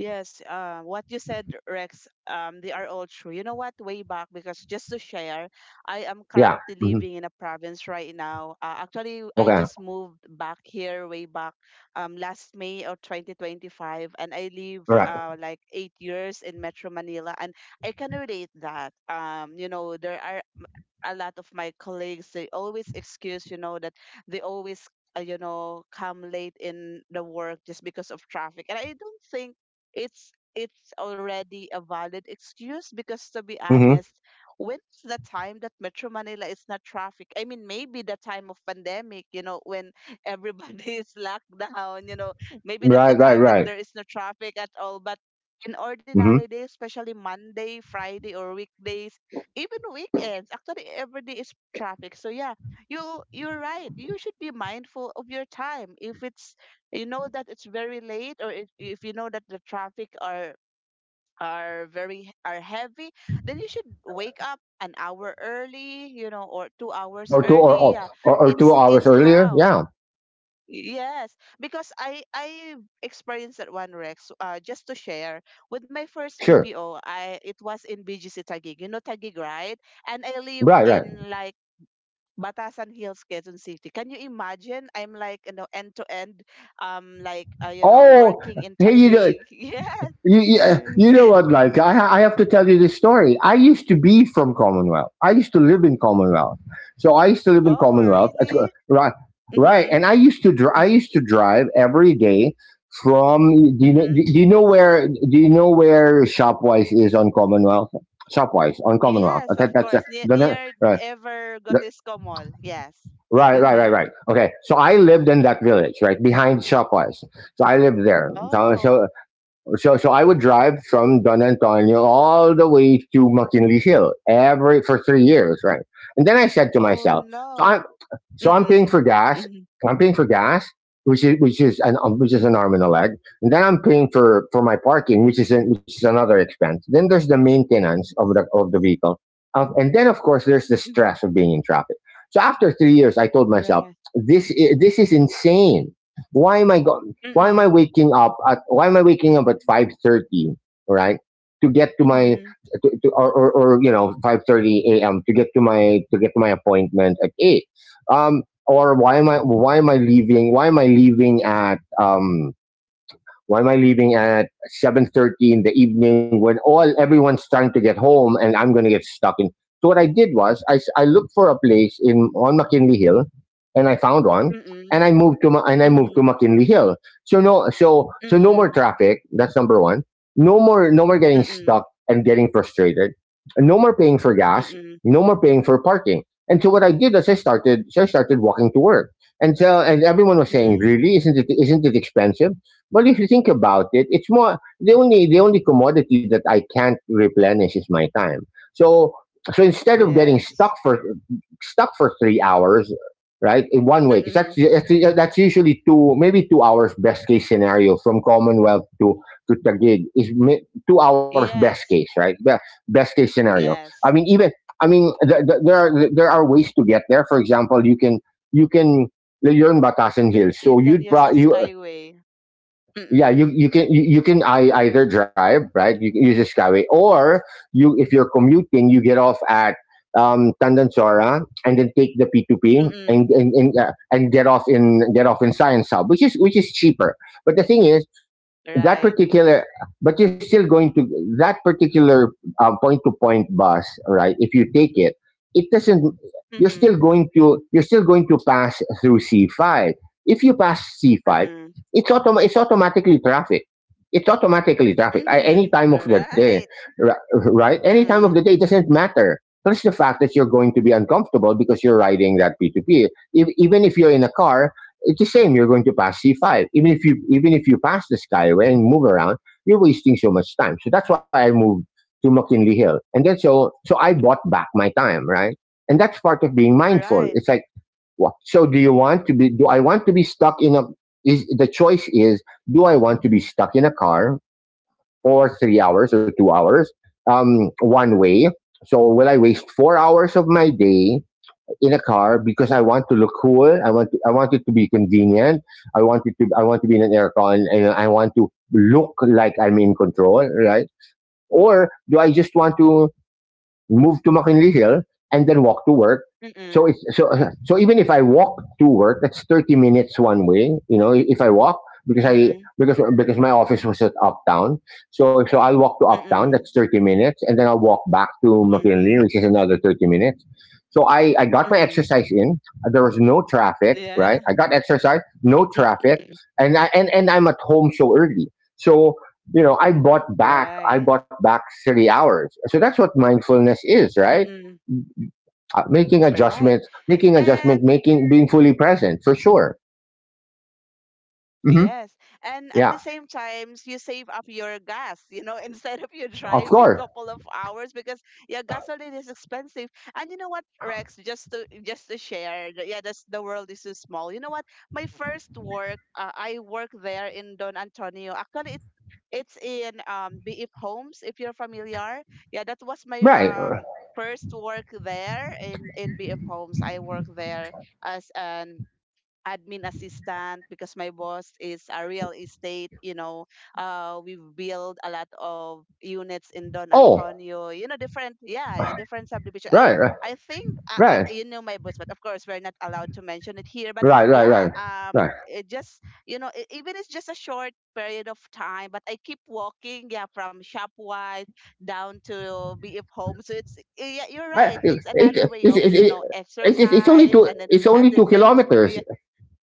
[SPEAKER 1] Yes, uh, what you said, Rex, um, they are all true. You know what? Way back, because just to share, I am
[SPEAKER 2] Yeah.
[SPEAKER 1] currently
[SPEAKER 2] Hmm.
[SPEAKER 1] living in a province right now. Uh, actually, I
[SPEAKER 2] Okay.
[SPEAKER 1] just moved back here way back, um, last May of twenty twenty-five, and I lived
[SPEAKER 2] Right.
[SPEAKER 1] uh, like eight years in Metro Manila. And I can relate that. Um, you know, there are m- a lot of my colleagues, they always excuse, you know, that they always, uh, you know come late in the work, just because of traffic. And I don't think it's it's already a valid excuse, because, to be
[SPEAKER 2] Hmm.
[SPEAKER 1] honest, when's the time that Metro Manila is not traffic? I mean, maybe the time of pandemic, you know when everybody is locked down, you know maybe that's the
[SPEAKER 2] Right, right,
[SPEAKER 1] time that
[SPEAKER 2] right.
[SPEAKER 1] there is no traffic at all. But in
[SPEAKER 2] Hmm.
[SPEAKER 1] ordinary days, especially Monday, Friday, or weekdays, even weekends, actually every day is traffic. So, yeah, you you're right. You should be mindful of your time, if it's you know that it's very late, or if, if you know that the traffic are are very are heavy, then you should wake up an hour early, you know or two hours
[SPEAKER 2] or two or,
[SPEAKER 1] early,
[SPEAKER 2] oh,
[SPEAKER 1] yeah.
[SPEAKER 2] or or two
[SPEAKER 1] it's
[SPEAKER 2] hours
[SPEAKER 1] it's
[SPEAKER 2] earlier.
[SPEAKER 1] how.
[SPEAKER 2] Yeah,
[SPEAKER 1] Yes, because i i experienced that one, Rex, uh, just to share, with my first
[SPEAKER 2] sure.
[SPEAKER 1] B P O, I it was in B G C Taguig. You know Taguig, right? And I live
[SPEAKER 2] Right, right.
[SPEAKER 1] in like Batasan Hills, Quezon City. Can you imagine? I'm like, you know, end to end, um, like, uh, you know,
[SPEAKER 2] Oh,
[SPEAKER 1] working in
[SPEAKER 2] hey, you know,
[SPEAKER 1] Taguig. Yes.
[SPEAKER 2] you, you uh, you know what? Like, I ha- I have to tell you this story. I used to be from Commonwealth. I used to live in Commonwealth. So I used to live in
[SPEAKER 1] Oh,
[SPEAKER 2] Commonwealth. That's go-
[SPEAKER 1] really?
[SPEAKER 2] right, right.
[SPEAKER 1] Mm-hmm.
[SPEAKER 2] And I used to dr- I used to drive every day from. Do you know,
[SPEAKER 1] Mm-hmm.
[SPEAKER 2] do you know where do you know where Shopwise is on Commonwealth? Shopwise on Commonwealth.
[SPEAKER 1] Yes,
[SPEAKER 2] I think
[SPEAKER 1] of
[SPEAKER 2] that's uh,
[SPEAKER 1] course. Near,
[SPEAKER 2] the ne-
[SPEAKER 1] near
[SPEAKER 2] right.
[SPEAKER 1] Ever Gotisco Mall. Yes.
[SPEAKER 2] Right, right, right,
[SPEAKER 1] Mm-hmm.
[SPEAKER 2] right. Okay, so I lived in that village, right behind Shopwise. So I lived there. So,
[SPEAKER 1] Oh.
[SPEAKER 2] so, so, so I would drive from Don Antonio all the way to McKinley Hill every for three years, right? And then I said to
[SPEAKER 1] Oh
[SPEAKER 2] myself, so
[SPEAKER 1] no.
[SPEAKER 2] I, so I'm paying
[SPEAKER 1] Mm-mm.
[SPEAKER 2] for gas.
[SPEAKER 1] Mm-hmm.
[SPEAKER 2] I'm paying for gas, which is which is an um, which is an arm and a leg, and then I'm paying for for my parking, which is an, which is another expense. Then there's the maintenance of the of the vehicle, uh, and then, of course, there's the
[SPEAKER 1] Mm-hmm.
[SPEAKER 2] stress of being in traffic. So after three years, I told myself,
[SPEAKER 1] Right.
[SPEAKER 2] this i- this is insane. Why am I go- Why am I
[SPEAKER 1] Mm-mm.
[SPEAKER 2] waking up at Why am I waking up at five thirty? Right, to get to my,
[SPEAKER 1] Mm-hmm.
[SPEAKER 2] to, to, or, or or, you know, five thirty a m, to get to my to get to my appointment at eight. Um, or why am I why am I leaving why am I leaving at, um, why am I leaving at seven thirty in the evening, when all everyone's trying to get home and I'm going to get stuck in? So what I did was, I I looked for a place in on McKinley Hill, and I found one,
[SPEAKER 1] Mm-mm.
[SPEAKER 2] and I moved to Ma- and I moved
[SPEAKER 1] Mm-hmm.
[SPEAKER 2] to McKinley Hill. So no so so no more
[SPEAKER 1] Mm-mm.
[SPEAKER 2] traffic. That's number one. No more no more getting
[SPEAKER 1] Mm-mm.
[SPEAKER 2] stuck and getting frustrated. No more paying for gas.
[SPEAKER 1] Mm-mm.
[SPEAKER 2] No more paying for parking. And so what I did is, I started so I started walking to work. And so, and everyone was saying,
[SPEAKER 1] Mm-mm.
[SPEAKER 2] really, isn't it isn't it expensive? Well, if you think about it, it's more, the only the only commodity that I can't replenish is my time. So, so instead of getting
[SPEAKER 1] Yes.
[SPEAKER 2] stuck for stuck for three hours, right, in one way, because that's
[SPEAKER 1] Mm-mm.
[SPEAKER 2] that's that's usually two, maybe two hours best case scenario from Commonwealth to to Taguig is mi- two hours best case,
[SPEAKER 1] Yes.
[SPEAKER 2] right? Be- Best case scenario. I
[SPEAKER 1] Yes.
[SPEAKER 2] mean, even, I mean th- th- there are there are ways to get there. For example, you can you can you're in Batasan
[SPEAKER 1] Gr-
[SPEAKER 2] Hills,
[SPEAKER 1] You
[SPEAKER 2] so
[SPEAKER 1] can
[SPEAKER 2] you'd
[SPEAKER 1] use the
[SPEAKER 2] pro- you
[SPEAKER 1] Skyway.
[SPEAKER 2] yeah, you,
[SPEAKER 1] Mm-mm.
[SPEAKER 2] you can you, you can, I, either drive, right? You can use the Skyway, or you if you're commuting, you get off at um Tandansora, and then take the p two p
[SPEAKER 1] Mm-mm.
[SPEAKER 2] and and and, uh, and get off in get off in Science Hub, which is which is cheaper. But the thing is, that
[SPEAKER 1] Right.
[SPEAKER 2] particular but you're still going to— that particular uh, point to point bus, right? If you take it, it doesn't you're still
[SPEAKER 1] Mm-mm.
[SPEAKER 2] going to— you're still going to pass through c five. If you pass c five,
[SPEAKER 1] Mm-mm.
[SPEAKER 2] it's autom- it's automatically traffic. it's automatically traffic at any
[SPEAKER 1] Mm-mm.
[SPEAKER 2] time of the day,
[SPEAKER 1] Right.
[SPEAKER 2] ri- right? Any time of the
[SPEAKER 1] Mm-mm.
[SPEAKER 2] day, it doesn't matter. Plus the fact that you're going to be uncomfortable because you're riding that p two p. If, Even if you're in a car, it's the same. You're going to pass C five. Even if you even if you pass the skyway and move around, you're wasting so much time. So that's why I moved to McKinley Hill. And then so so I bought back my time, right? And that's part of being mindful.
[SPEAKER 1] Right.
[SPEAKER 2] It's like, what so do you want to be do I want to be stuck in a— is the choice is do I want to be stuck in a car for three hours or two hours? Um one way. So will I waste four hours of my day in a car because I want to look cool? I want to— I want it to be convenient. I want it to— I want to be in an aircon, and I want to look like I'm in control, right? Or do I just want to move to McKinley Hill, and then walk to work? So
[SPEAKER 1] Mm-mm.
[SPEAKER 2] it's so so even if I walk to work, that's thirty minutes one way. You know, if I walk, because I
[SPEAKER 1] Mm-mm.
[SPEAKER 2] because because my office was at Uptown, so so I'll walk to Uptown. That's
[SPEAKER 1] Mm-mm.
[SPEAKER 2] thirty minutes, and then I'll walk back to McKinley,
[SPEAKER 1] Mm-mm.
[SPEAKER 2] which is another thirty minutes. So I I got my
[SPEAKER 1] Mm-mm.
[SPEAKER 2] exercise in. There was no traffic, right?
[SPEAKER 1] Yeah.
[SPEAKER 2] I got exercise, no traffic, and I and and I'm at home so early. So you know, I bought back,
[SPEAKER 1] Right.
[SPEAKER 2] I bought back silly hours. So that's what mindfulness is,
[SPEAKER 1] Mm-mm.
[SPEAKER 2] right? Uh, making
[SPEAKER 1] Right.
[SPEAKER 2] adjustments, making
[SPEAKER 1] And
[SPEAKER 2] adjustment, making— being fully present, for sure.
[SPEAKER 1] yes.
[SPEAKER 2] hmm
[SPEAKER 1] And at the same
[SPEAKER 2] Yeah,
[SPEAKER 1] times, you save up your gas, you know, instead of you driving
[SPEAKER 2] of
[SPEAKER 1] couple
[SPEAKER 2] course.
[SPEAKER 1] of hours, because, yeah, gasoline is expensive. And you know what, Rex, just to just to share, the- yeah, that's, the world is so small. You know what? My first work, uh, I work there in Don Antonio. Actually, it, it's in um B F Homes, if you're familiar. Yeah, that was my
[SPEAKER 2] Right.
[SPEAKER 1] um first work there in in B F Homes. I work there as an admin assistant, because my boss is a real estate. You know uh we build a lot of units in Don
[SPEAKER 2] Oh,
[SPEAKER 1] Antonio, you know different, yeah, different subdivision. i
[SPEAKER 2] right, right,
[SPEAKER 1] I think I, I,
[SPEAKER 2] right,
[SPEAKER 1] you know my boss, but of course we're not allowed to mention it here. But
[SPEAKER 2] right, right,
[SPEAKER 1] yeah,
[SPEAKER 2] right.
[SPEAKER 1] um,
[SPEAKER 2] Right.
[SPEAKER 1] it just, you know e- even it's just a short period of time, but I keep walking, yeah, from Shopwise down to B F Home. So, it's, yeah, you're
[SPEAKER 2] I-
[SPEAKER 1] right.
[SPEAKER 2] It,
[SPEAKER 1] It's
[SPEAKER 2] it,
[SPEAKER 1] another way
[SPEAKER 2] it,
[SPEAKER 1] of,
[SPEAKER 2] it,
[SPEAKER 1] you
[SPEAKER 2] it,
[SPEAKER 1] know
[SPEAKER 2] it's— it's it's only
[SPEAKER 1] exercise,
[SPEAKER 2] two.
[SPEAKER 1] and then
[SPEAKER 2] It's
[SPEAKER 1] at
[SPEAKER 2] only
[SPEAKER 1] the
[SPEAKER 2] two
[SPEAKER 1] same, s-
[SPEAKER 2] kilometers.
[SPEAKER 1] yeah.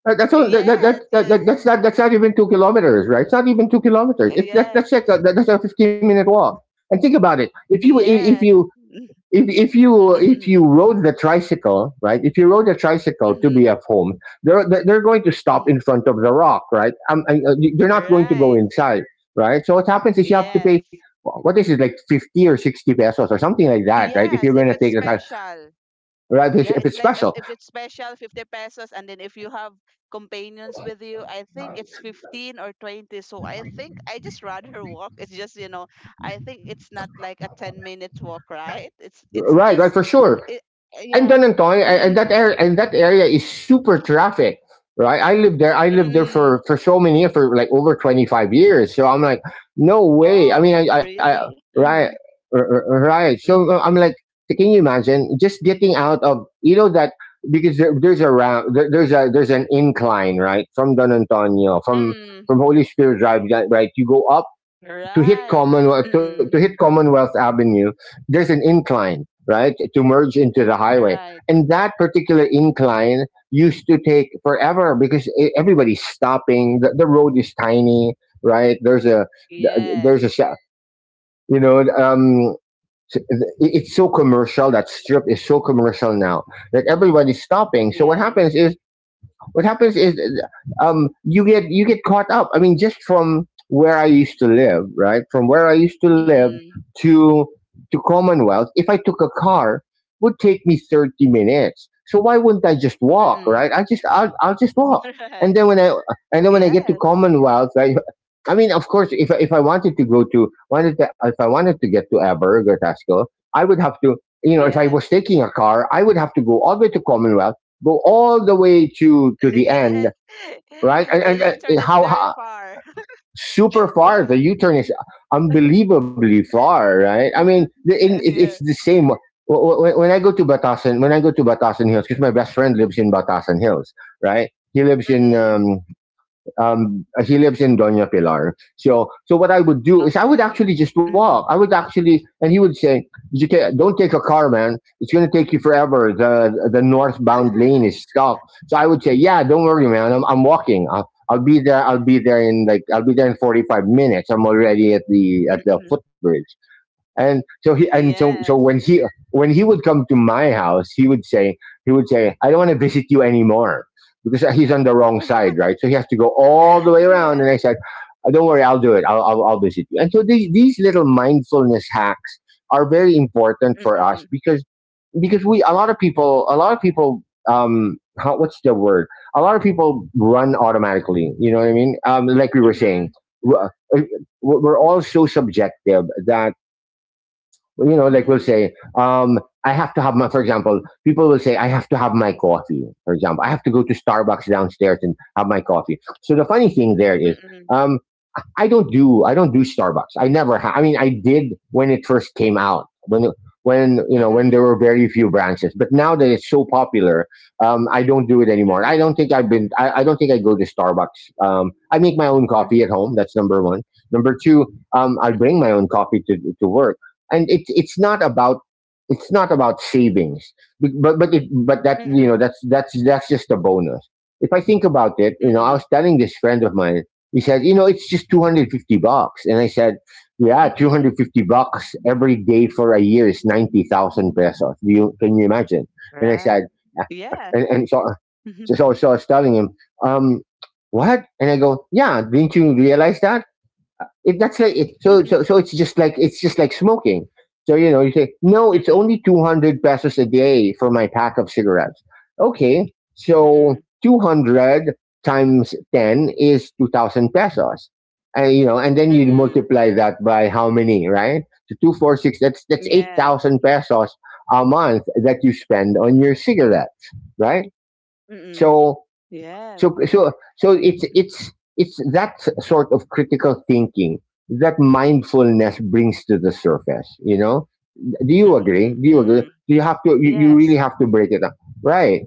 [SPEAKER 2] That- That's all. That, that,
[SPEAKER 1] Yes,
[SPEAKER 2] that,
[SPEAKER 1] yes.
[SPEAKER 2] that- that's not— that's not even two kilometers, right? It's not even two kilometers. It, that,
[SPEAKER 1] Yeah.
[SPEAKER 2] that's like a, that, that's a fifteen minute walk. And think about it. If you— if
[SPEAKER 1] Yes.
[SPEAKER 2] you
[SPEAKER 1] Mm-hmm.
[SPEAKER 2] if— if you if you
[SPEAKER 1] Mm-hmm.
[SPEAKER 2] rode the tricycle, right? If you rode the tricycle to
[SPEAKER 1] Mm-hmm.
[SPEAKER 2] B F Home, they're they're they're going to stop in front of the rock, right? Um, and, uh, they're not going to go
[SPEAKER 1] Right.
[SPEAKER 2] inside, right? So what happens is, you have to pay—
[SPEAKER 1] Yes.
[SPEAKER 2] what is it, like fifty or sixty pesos or something like that, right? If
[SPEAKER 1] Yes,
[SPEAKER 2] you're going
[SPEAKER 1] if
[SPEAKER 2] to
[SPEAKER 1] it's
[SPEAKER 2] take the time,
[SPEAKER 1] special.
[SPEAKER 2] right? If it's—
[SPEAKER 1] Yeah,
[SPEAKER 2] if
[SPEAKER 1] it's
[SPEAKER 2] it's
[SPEAKER 1] like as
[SPEAKER 2] special,
[SPEAKER 1] if it's special, fifty pesos. And then if you have companions with you, I think it's fifteen or twenty. So I think I just rather walk. It's just, you know, I think it's not like a ten minutes walk, right? It's it's
[SPEAKER 2] right?
[SPEAKER 1] just,
[SPEAKER 2] Right, for sure.
[SPEAKER 1] it,
[SPEAKER 2] And
[SPEAKER 1] yeah.
[SPEAKER 2] Donantoy, and that
[SPEAKER 1] Mm-hmm.
[SPEAKER 2] area and that area is super traffic, right? I lived there. I lived there
[SPEAKER 1] Mm-hmm.
[SPEAKER 2] for— for so many years, for like over twenty five years. So I'm like, no way. I mean,
[SPEAKER 1] Oh,
[SPEAKER 2] I, I, I
[SPEAKER 1] really?
[SPEAKER 2] right,
[SPEAKER 1] Mm-hmm.
[SPEAKER 2] r- r- right. So uh,
[SPEAKER 1] Mm-hmm.
[SPEAKER 2] I'm like, can you imagine just getting out of, you know, that— because there, there's a round— there, there's a— there's an incline, right, from Don Antonio, from
[SPEAKER 1] Mm-hmm.
[SPEAKER 2] from Holy Spirit Drive, that- right? You go up to hit
[SPEAKER 1] Right.
[SPEAKER 2] Commonwealth, to— to
[SPEAKER 1] Mm-mm.
[SPEAKER 2] hit Commonwealth Avenue. There's an incline, right, to merge into the highway,
[SPEAKER 1] Right.
[SPEAKER 2] and that particular incline used to take forever because e- everybody's stopping. The, the road is tiny, right? There's a— there's a
[SPEAKER 1] Yes.
[SPEAKER 2] you know, um it- it's so commercial— that strip is so commercial now, that everybody's stopping. So what happens
[SPEAKER 1] Yes.
[SPEAKER 2] is— what happens is um, you get— you get caught up. I mean, just from where I used to live, right? From where I used to live
[SPEAKER 1] Mm-mm.
[SPEAKER 2] to— to Commonwealth, if I took a car, would take me thirty minutes. So why wouldn't I just walk,
[SPEAKER 1] Mm-mm.
[SPEAKER 2] right? I just— I'll, I'll just walk, and
[SPEAKER 1] Right.
[SPEAKER 2] then when I and then when I get to
[SPEAKER 1] Yes.
[SPEAKER 2] Commonwealth, I. I mean, of course, if I— if I wanted to go to— wanted to— if I wanted to get to Aberg or Tasco, I would have to, you know, if I was
[SPEAKER 1] Yes.
[SPEAKER 2] taking a car, I would have to go all the way to Commonwealth— go all the way to— to the end,
[SPEAKER 1] Yes.
[SPEAKER 2] right? And,
[SPEAKER 1] The
[SPEAKER 2] and, and
[SPEAKER 1] U-turn is
[SPEAKER 2] how—
[SPEAKER 1] very
[SPEAKER 2] how
[SPEAKER 1] far.
[SPEAKER 2] super far
[SPEAKER 1] Yeah.
[SPEAKER 2] the U-turn is— unbelievably far, right? I mean, the- in, it, it's
[SPEAKER 1] Yeah.
[SPEAKER 2] the same. Wh- wh- When I go to Batasan, when I go to Batasan Hills, because my best friend lives in Batasan Hills, right? He lives in
[SPEAKER 1] Mm-mm.
[SPEAKER 2] um, um, uh, he lives in Doña Pilar. So, so what I would do is, I would
[SPEAKER 1] Okay.
[SPEAKER 2] actually just
[SPEAKER 1] Mm-hmm.
[SPEAKER 2] walk. I would actually— and he would say, "You ta- don't take a car, man. It's going to take you forever. The the northbound lane is stuck." So I would say, "Yeah, don't worry, man. I'm I'm walking. I'll, I'll be there. I'll be there in like— I'll be there in forty-five minutes. I'm already at the— at the
[SPEAKER 1] Mm-mm.
[SPEAKER 2] footbridge." And so he— and so so when
[SPEAKER 1] Yes.
[SPEAKER 2] he— when he would come to my house, he would say— he would say, I don't want to visit you anymore, because he's on the wrong side, right? So he has to go all the way around.
[SPEAKER 1] Yeah.
[SPEAKER 2] And I said, "Uh, don't worry, I'll do it. i'll i'll, I'll visit you." And so the— these little mindfulness hacks are very important for us,
[SPEAKER 1] Mm-mm.
[SPEAKER 2] because— because we a lot of people— a lot of people um how— what's the word— a lot of people run automatically, you know what I mean? Um like we were
[SPEAKER 1] Mm-hmm.
[SPEAKER 2] saying, uh, we're— we're all so subjective that, you know, like we'll
[SPEAKER 1] Mm-hmm.
[SPEAKER 2] say, um, I have to have my— for example, people will say, I have to have my coffee, for example. I have to go to Starbucks downstairs and have my coffee. So the funny thing there is,
[SPEAKER 1] Mm-mm.
[SPEAKER 2] um, I don't do I don't do Starbucks. I never ha- I mean, I did, when it first came out, when— when you know, when there were
[SPEAKER 1] Mm-mm.
[SPEAKER 2] very few branches. But now that it's so popular, um, I don't do it anymore. I don't
[SPEAKER 1] Mm-mm.
[SPEAKER 2] think I've been— I, I don't think I go to Starbucks. Um, I make my own coffee at home. That's number one. Number two, um, I bring my
[SPEAKER 1] Mm-mm.
[SPEAKER 2] own coffee to— to work. And it's— it's not about— it's not about savings, but— but, it, but that, you know,
[SPEAKER 1] Mm-mm.
[SPEAKER 2] that's— that's that's just a bonus. If I think about it, you know, I
[SPEAKER 1] Mm-mm.
[SPEAKER 2] was telling this friend of mine, he said, you know, it's just two hundred fifty bucks. And I said, yeah, 250
[SPEAKER 1] Mm-mm.
[SPEAKER 2] bucks every day for a year is ninety thousand pesos. Do you— can you imagine? And I
[SPEAKER 1] Right.
[SPEAKER 2] said, yeah.
[SPEAKER 1] Yeah.
[SPEAKER 2] and, and so, so, so I was telling him, um, what? And I go, yeah, didn't you realize that? It— that's like it. So so so it's just like— it's just like smoking. So you know, you say, no, it's
[SPEAKER 1] Mm-mm.
[SPEAKER 2] only two hundred pesos a day for my pack of cigarettes. Okay, so
[SPEAKER 1] Mm-mm.
[SPEAKER 2] two hundred times ten is two thousand pesos, and you know, and then you
[SPEAKER 1] Mm-mm.
[SPEAKER 2] multiply that by how many, right? So two four six. That's— that's eight
[SPEAKER 1] Yes.
[SPEAKER 2] thousand pesos a month that you spend on your cigarettes, right?
[SPEAKER 1] Mm-mm.
[SPEAKER 2] So
[SPEAKER 1] Yes.
[SPEAKER 2] so so so it's— it's— it's that sort of critical thinking that mindfulness brings to the surface. You know? Do you agree?
[SPEAKER 1] Mm-mm.
[SPEAKER 2] Do you agree?
[SPEAKER 1] Mm-mm.
[SPEAKER 2] Do you have to? You— you really
[SPEAKER 1] Yes.
[SPEAKER 2] have to break it up, right?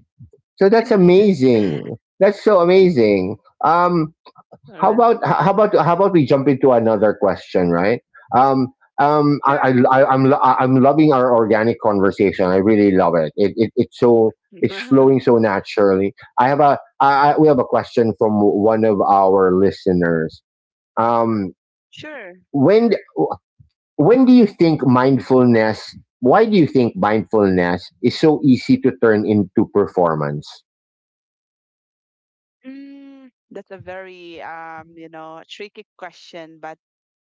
[SPEAKER 2] So that's amazing. That's so amazing. Um,
[SPEAKER 1] All
[SPEAKER 2] how
[SPEAKER 1] right.
[SPEAKER 2] about— h- how about how about we jump into another question, right? um um i,
[SPEAKER 1] Sure.
[SPEAKER 2] I I- I'm lo— I- I'm loving our organic conversation. I really love it. It— it— it's so— it's flowing so naturally. I have a— I, I— we have a question from one of our listeners. um
[SPEAKER 1] Sure.
[SPEAKER 2] when— when do you think mindfulness why do you think mindfulness is so easy to turn into performance?
[SPEAKER 1] Mm, that's a very um, you know, tricky question, but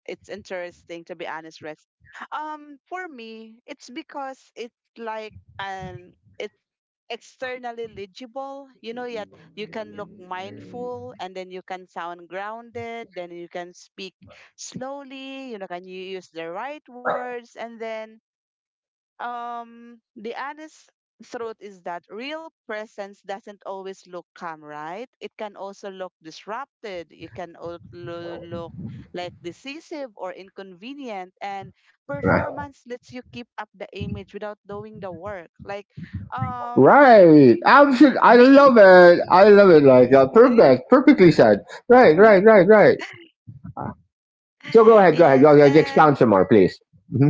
[SPEAKER 1] it's interesting, to be honest, Rex. Um, for me, it's because it's like an it's externally legible, you know, yet you can look mindful, and then you can sound grounded, then you can speak slowly, you know, can you use the right words? And then um the honest truth is that real presence doesn't always look calm. Right? It can also look disrupted. It can also look like decisive or inconvenient, and performance lets you keep up the image, without doing the work, like, um
[SPEAKER 2] Right. Absolutely. I love
[SPEAKER 1] being.
[SPEAKER 2] it. I love it. Like, uh, perfect. Perfectly said. Right. Right. Right. Right. So go ahead. Go ahead. Go
[SPEAKER 1] Yes.
[SPEAKER 2] ahead. Expound
[SPEAKER 1] And
[SPEAKER 2] some more, please. hmm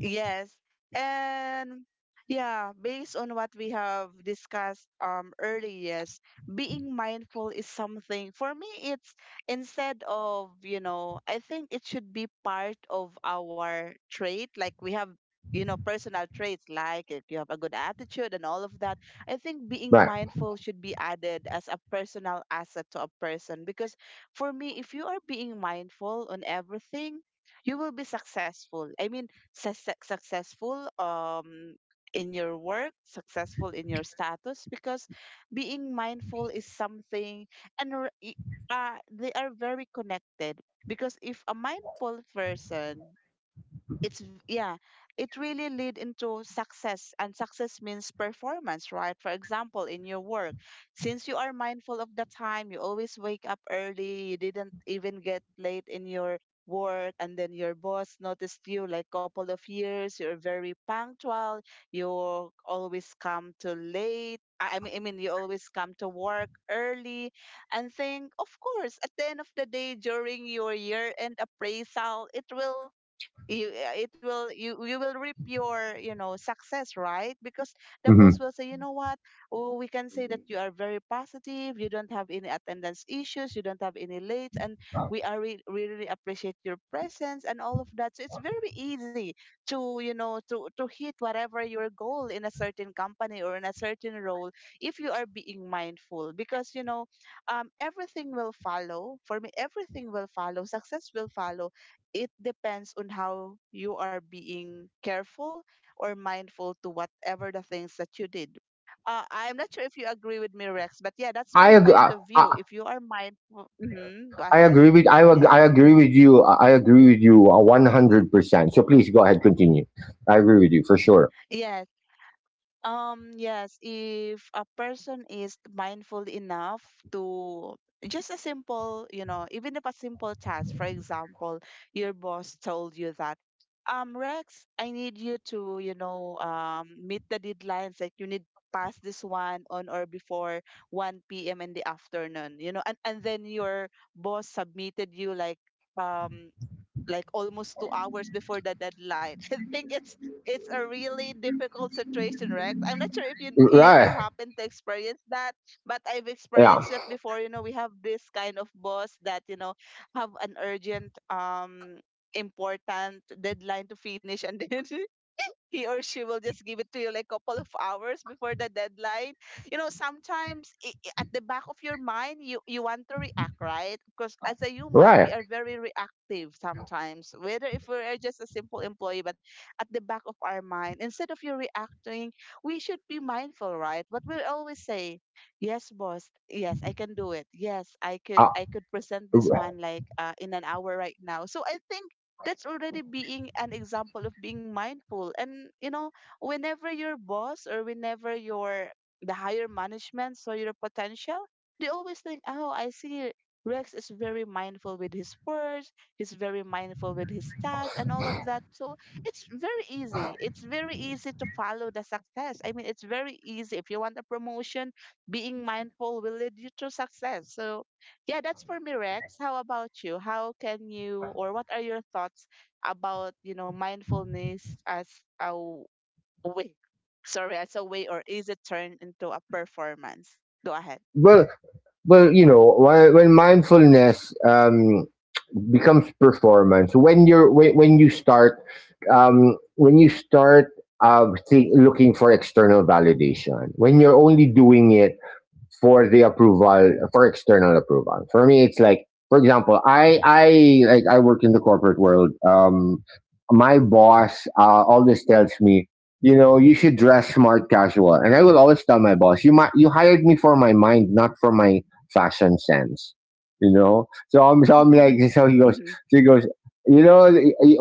[SPEAKER 1] Yes. And yeah, based on what we have discussed, um earlier, yes, being mindful is something, for me, it's, instead of, you know, I think it should be part of our trait. Like we have, you know, personal traits, like if you have a good attitude and all of that. I think being
[SPEAKER 2] Right.
[SPEAKER 1] mindful should be added as a personal asset to a person, because for me, if you are being mindful on everything, you will be successful. I mean, success- successful, um in your work, successful in your status, because being mindful is something, and r- i- uh, they are very connected. Because if a mindful person, it's v- yeah, it really lead into success, and success means performance. Right? For example, in your work, since you are mindful of the time, you always wake up early, you didn't even get late in your work, and then your boss noticed you, like couple of years you're very punctual. You always come to late, i I mean i mean, you always come to work early. And think, of course, at the end of the day, during your year end appraisal, it will you uh, it will you you will reap your, you know success, right? Because the
[SPEAKER 2] hmm
[SPEAKER 1] boss will say, you know what, oh, we can say that you are very positive, you don't have any attendance issues, you don't have any late, and we are re- we really appreciate your presence and all of that. So it's very easy to, you know to to hit whatever your goal in a certain company or in a certain role, if you are being mindful, because you know um everything will follow, for me, everything will follow. Success will follow. It depends on how you are being careful or mindful to whatever the things that you did. Uh, I'm not sure if you agree with me, Rex, but yeah, that's
[SPEAKER 2] I
[SPEAKER 1] my
[SPEAKER 2] agree.
[SPEAKER 1] point
[SPEAKER 2] I,
[SPEAKER 1] of
[SPEAKER 2] I—
[SPEAKER 1] view. If you are mindful, hmm go
[SPEAKER 2] I
[SPEAKER 1] ahead.
[SPEAKER 2] agree with I, ag-
[SPEAKER 1] Yes.
[SPEAKER 2] I agree with you. I agree with you, uh, one hundred percent. So please go ahead, continue. I agree with you for sure.
[SPEAKER 1] Yes. Um, yes, if a person is mindful enough to just a simple, you know, even if a simple task, for example, your boss told you that, um, Rex, I need you to, you know, um, meet the deadlines, like you need to pass this one on or before one p m in the afternoon, you know, and, and then your boss submitted you like, um, like almost two hours before the deadline. I think it's it's a really difficult situation, Rex. I'm not sure if you if you
[SPEAKER 2] Right?
[SPEAKER 1] happen to experience that, but I've
[SPEAKER 2] Yeah.
[SPEAKER 1] experienced it before. You know, we have this kind of boss that you know have an urgent um important deadline to finish, and then he or she will just give it to you like a couple of hours before the deadline. You know, sometimes i i- at the back of your mind you you want to react, right? Because as a human, we
[SPEAKER 2] Right.
[SPEAKER 1] are very reactive sometimes, whether if we are just a simple employee. But at the back of our mind, instead of you reacting, we should be mindful, right? What we always say, yes, boss, yes, I can do it, yes, i could
[SPEAKER 2] Uh,
[SPEAKER 1] i could present this one like uh, in an hour right now. So I think that's already being an example of being mindful. And you know whenever your boss or whenever your the higher management saw your potential, they always think, oh, I see, Rex is very mindful with his words, he's very mindful with his tasks and all of that. So it's very easy it's very easy to follow the success. I mean, it's very easy if you want a promotion. Being mindful will lead you to success. So yeah, that's for me, Rex. How about you? How can you, or what are your thoughts about, you know, mindfulness as a w- way? Sorry, as a way, or is it turned into a performance? Go ahead.
[SPEAKER 2] well, well, you know, when, when mindfulness um, becomes performance when you're when, when you start um, when you start uh, think, looking for external validation when you're only doing it for the approval for external approval. For me, it's like, for example, I I like I work in the corporate world. Um, my boss uh, always tells me, you know, you should dress smart casual, and I will always tell my boss, you might you hired me for my mind, not for my fashion sense. You know, so I'm so I'm like so he goes
[SPEAKER 1] Mm-hmm.
[SPEAKER 2] so he goes. You know,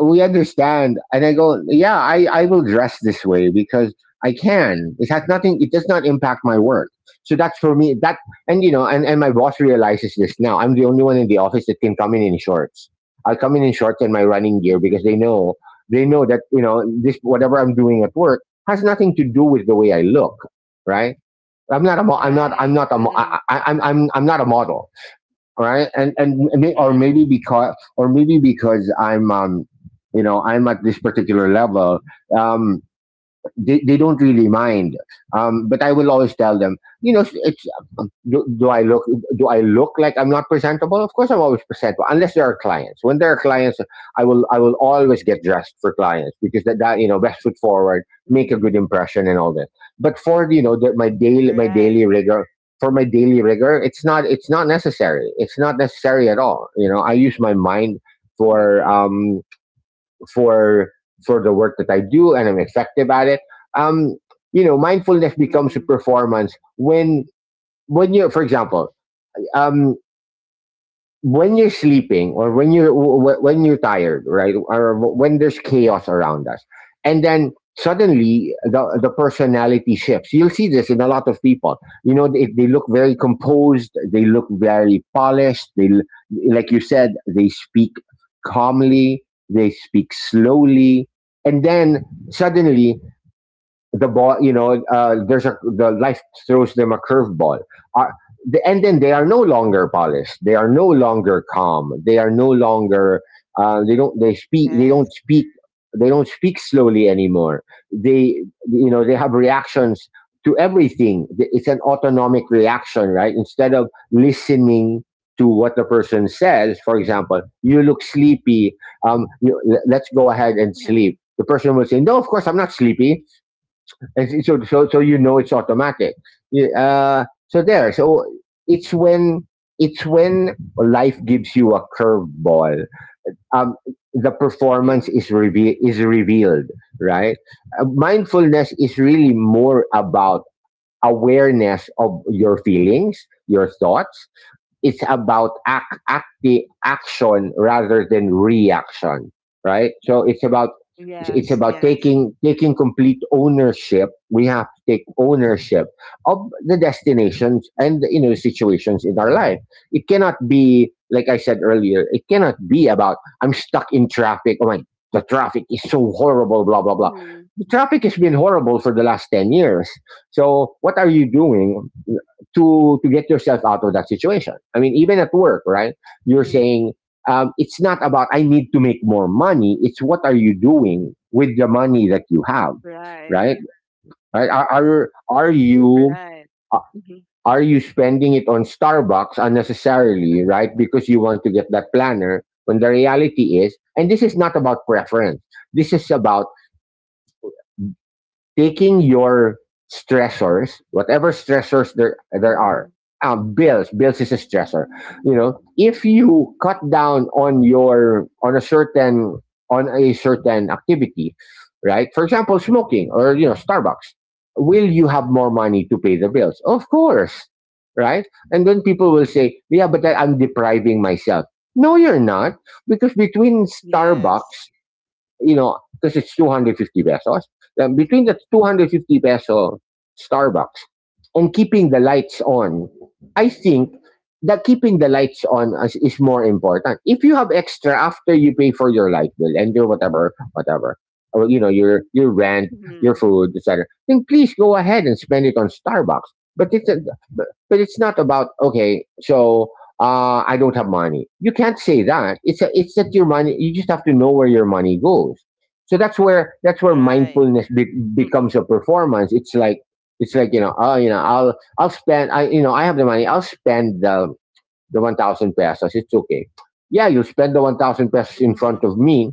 [SPEAKER 2] we understand, and I go, yeah, I I will dress this way because I can. It has nothing. It does not impact my work, so that's for me, that. And, you know, and, and my boss realizes this now. I'm the only one in the office that can come in in shorts. I'll come in in shorts and my running gear, because
[SPEAKER 1] Mm-hmm.
[SPEAKER 2] they know they know that, you know, this whatever I'm doing at work has nothing to do with the way I look, right? i'm not a mo- i'm not i'm
[SPEAKER 1] Right.
[SPEAKER 2] not a mo- I,
[SPEAKER 1] Mm-mm.
[SPEAKER 2] I, I'm, I'm I'm not a model, right? And and may- or
[SPEAKER 1] Mm-hmm.
[SPEAKER 2] maybe because or maybe because I'm um you know I'm at this particular level. um they, they don't really mind. Um, but I will always tell them, you know, it's um, do, do I look do I look like I'm not presentable? Of course, I'm always presentable, unless there are clients. When there are clients, I will I will always get dressed for clients, because that, that you know, best foot forward, make a
[SPEAKER 1] Mm-hmm.
[SPEAKER 2] good impression, and all that. But for, you know, the, my daily my
[SPEAKER 1] Right.
[SPEAKER 2] daily rigor for my daily rigor, it's not it's not necessary. It's not necessary at all. You know, I use my mind for
[SPEAKER 1] Mm-hmm.
[SPEAKER 2] um for for the work that I do, and I'm effective at it. Um, you know, mindfulness becomes a
[SPEAKER 1] Mm-hmm.
[SPEAKER 2] performance when when you're, for example, um, when you're sleeping, or when you're w- w- when you're tired, right? Or w- when there's chaos around us, and then suddenly the, the personality shifts. You'll see this in a lot of people. You know, they, they look very composed, they look very polished, they l- like you said, they speak calmly, they speak slowly, and then suddenly the ball, you know, uh, there's a the life throws them a curveball. Uh, the, and then they are no longer polished. They are no longer calm. They are no longer. Uh, they don't. They speak. They don't
[SPEAKER 1] Yes.
[SPEAKER 2] speak. They don't speak slowly anymore. They, you know, they have reactions to everything. It's an autonomic reaction, right? Instead of listening to what the person says, for example, you look sleepy. Um, you, let's go ahead and
[SPEAKER 1] Mm-hmm.
[SPEAKER 2] sleep. The person will say, "No, of course I'm not sleepy." And so, so, so so you know, it's automatic. Yeah. Uh, so there. So it's when it's when life gives you a curveball. Um, the performance
[SPEAKER 1] Mm-hmm.
[SPEAKER 2] is reve- is revealed, right? Uh, mindfulness is really more about awareness of your feelings, your thoughts. It's about act, act action rather than reaction, right? So it's about it's it's
[SPEAKER 1] Yes.
[SPEAKER 2] about
[SPEAKER 1] Yes.
[SPEAKER 2] taking taking complete ownership. We have to take ownership of the destinations and, you know, situations in our life. It cannot be, like I said earlier, it cannot be about, I'm stuck in traffic, oh my, the traffic is so horrible, blah blah blah.
[SPEAKER 1] Mm-hmm.
[SPEAKER 2] The traffic has been horrible for the last ten years, so what are you doing to to get yourself out of that situation. I mean, even at work, right? You're
[SPEAKER 1] Mm-hmm.
[SPEAKER 2] saying, um, it's not about I need to make more money. It's what are you doing with the money that you have,
[SPEAKER 1] Right.
[SPEAKER 2] right? Right? Are are, are you
[SPEAKER 1] Right. Mm-hmm.
[SPEAKER 2] are you spending it on Starbucks unnecessarily, right? Because you want to get that planner. When the reality is, and this is not about preference. This is about taking your stressors, whatever stressors there there are.
[SPEAKER 1] Mm-hmm.
[SPEAKER 2] um, bills, bills is a stressor. You know, if you cut down on your on a certain on a certain activity, right? For example, smoking, or, you know, Starbucks, will you have more money to pay the bills? Of course, right? And then people will say, yeah, but I- I'm depriving myself. No, you're not, because between
[SPEAKER 1] Yes.
[SPEAKER 2] Starbucks, you know, because it's two hundred fifty pesos. Then between the two hundred fifty peso Starbucks and keeping the lights on, I think that keeping the lights on is, is more important. If you have extra after you pay for your light bill and your whatever, whatever, or, you know, your your rent, your
[SPEAKER 1] Mm-hmm,
[SPEAKER 2] food, et cetera, then please go ahead and spend it on Starbucks. But it's a, but it's not about, okay. So, uh, I don't have money. You can't say that. It's a, it's that your money.
[SPEAKER 1] Mhm.
[SPEAKER 2] You just have to know where your money goes. So that's where that's where
[SPEAKER 1] Right.
[SPEAKER 2] mindfulness be- becomes
[SPEAKER 1] Mm-mm.
[SPEAKER 2] a performance. It's like it's like you know, oh, you know, I'll I'll spend. I you know, I have the money. I'll spend the the one thousand pesos. It's okay. Yeah, you spend the one thousand pesos in front
[SPEAKER 1] Mhm.
[SPEAKER 2] of me,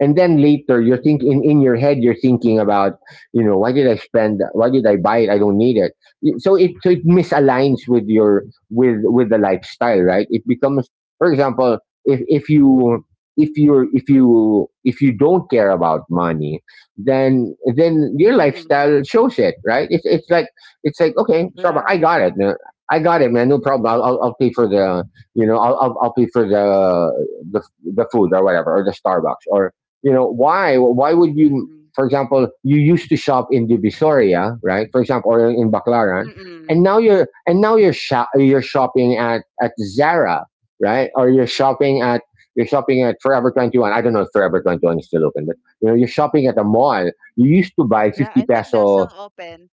[SPEAKER 2] and then later, you're thinking in your head, you're thinking about you know, why did i spend why did I buy it? I don't need it. So it so it misaligns with your with with the lifestyle. Right, it becomes, for example, if if you if you if you if you don't care about money, then then your
[SPEAKER 1] Mm-mm.
[SPEAKER 2] lifestyle shows it. Right, it's, it's like it's like okay, Starbucks, I
[SPEAKER 1] Right.
[SPEAKER 2] got it, man. I got it, man, no problem. I'll, I'll, I'll pay for the you know I'll, I'll, I'll pay for the, the the food, or whatever, or the Starbucks, or, you know, why why would you,
[SPEAKER 1] Mm-mm.
[SPEAKER 2] for example, you used to shop in Divisoria, right, for example, or in Baclaran.
[SPEAKER 1] Mm-mm.
[SPEAKER 2] And now you're and now you're shop, you're shopping at at Zara, right? Or you're shopping at, you're shopping at Forever twenty-one. I don't know if Forever twenty-one is still open, but you know, you're shopping at a mall. You used to buy
[SPEAKER 1] Yeah,
[SPEAKER 2] fifty
[SPEAKER 1] I think they're still
[SPEAKER 2] peso,
[SPEAKER 1] open.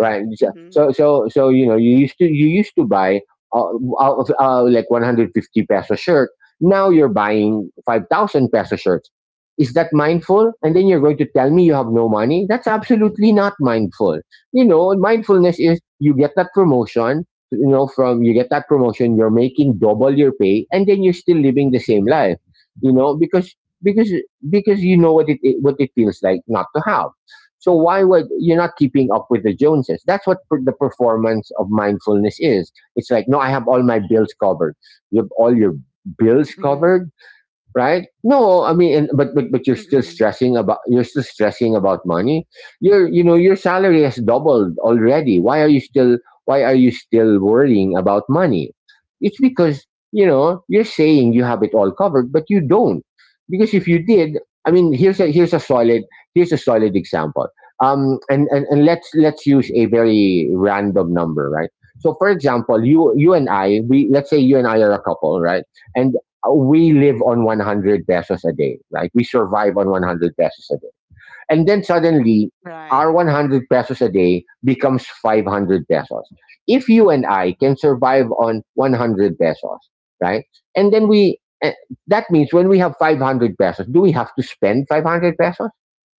[SPEAKER 2] right? so
[SPEAKER 1] Mm-hmm.
[SPEAKER 2] so so so, you know, you used to you used to buy, uh, out of, uh, like, one hundred fifty peso shirt, now you're buying five thousand peso shirts. Is that mindful? And then you're going to tell me you have no money. That's absolutely not mindful. You know, mindfulness is, you get that promotion. You know, from you get that promotion you're making double your pay, and then you're still living the same life. You know, because because because you know what it what it feels like not to have. So why would, you're not keeping up with the Joneses? That's what per, the performance of mindfulness is. It's like, no, I have all my bills covered. You have all your bills
[SPEAKER 1] Mm-hmm.
[SPEAKER 2] covered, right? No, I mean, and, but but but you're still
[SPEAKER 1] Mm-mm.
[SPEAKER 2] stressing about you're still stressing about money. Your you know, your salary has doubled already. Why are you still why are you still worrying about money? It's because, you know, you're saying you have it all covered, but you don't. Because if you did, I mean, here's a here's a solid here's a solid example. Um, and, and and let's let's use a very random number, right? So, for example, you you and I, we let's say you and I are a couple, right? And we live on one hundred pesos a day, right? We survive on one hundred pesos a and then suddenly,
[SPEAKER 1] Right.
[SPEAKER 2] our one hundred pesos a day becomes five hundred pesos. If you and I can survive on one hundred pesos, right? And then, we, eh, that means when we have five hundred pesos, do we have to spend five hundred pesos?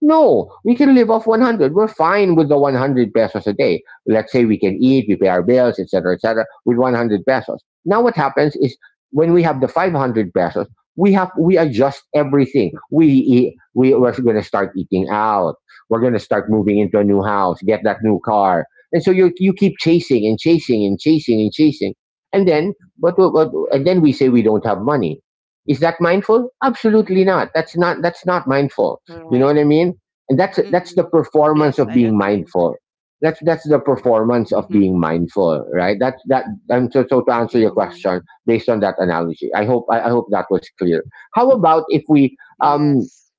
[SPEAKER 2] No, we can live off
[SPEAKER 1] Mm-hmm.
[SPEAKER 2] one hundred. We're fine with the one hundred pesos a day. Let's say we can eat, we pay our bills, et cetera, et cetera, with one hundred pesos. Now what happens is when we have the five hundred pesos, we have we adjust everything. We eat, we we're going to start eating out. We're going to start moving into a new house, get that new car, and so you you keep chasing and chasing and chasing and chasing, and then, but, but and then
[SPEAKER 1] Mm-mm.
[SPEAKER 2] we say we don't have money. Is that mindful? Absolutely
[SPEAKER 1] Mm-mm.
[SPEAKER 2] not. That's not that's not mindful. You know what
[SPEAKER 1] Right.
[SPEAKER 2] I mean? And that's that's the
[SPEAKER 1] Mm-mm.
[SPEAKER 2] performance
[SPEAKER 1] Yes,
[SPEAKER 2] of
[SPEAKER 1] I
[SPEAKER 2] being
[SPEAKER 1] agree.
[SPEAKER 2] mindful. That's that's the performance of being
[SPEAKER 1] Mm-hmm.
[SPEAKER 2] mindful, right? That that. And so, so to answer your
[SPEAKER 1] Mm-hmm.
[SPEAKER 2] question, based on that analogy. I hope I, I hope that was clear. How about if we, um,
[SPEAKER 1] Yes.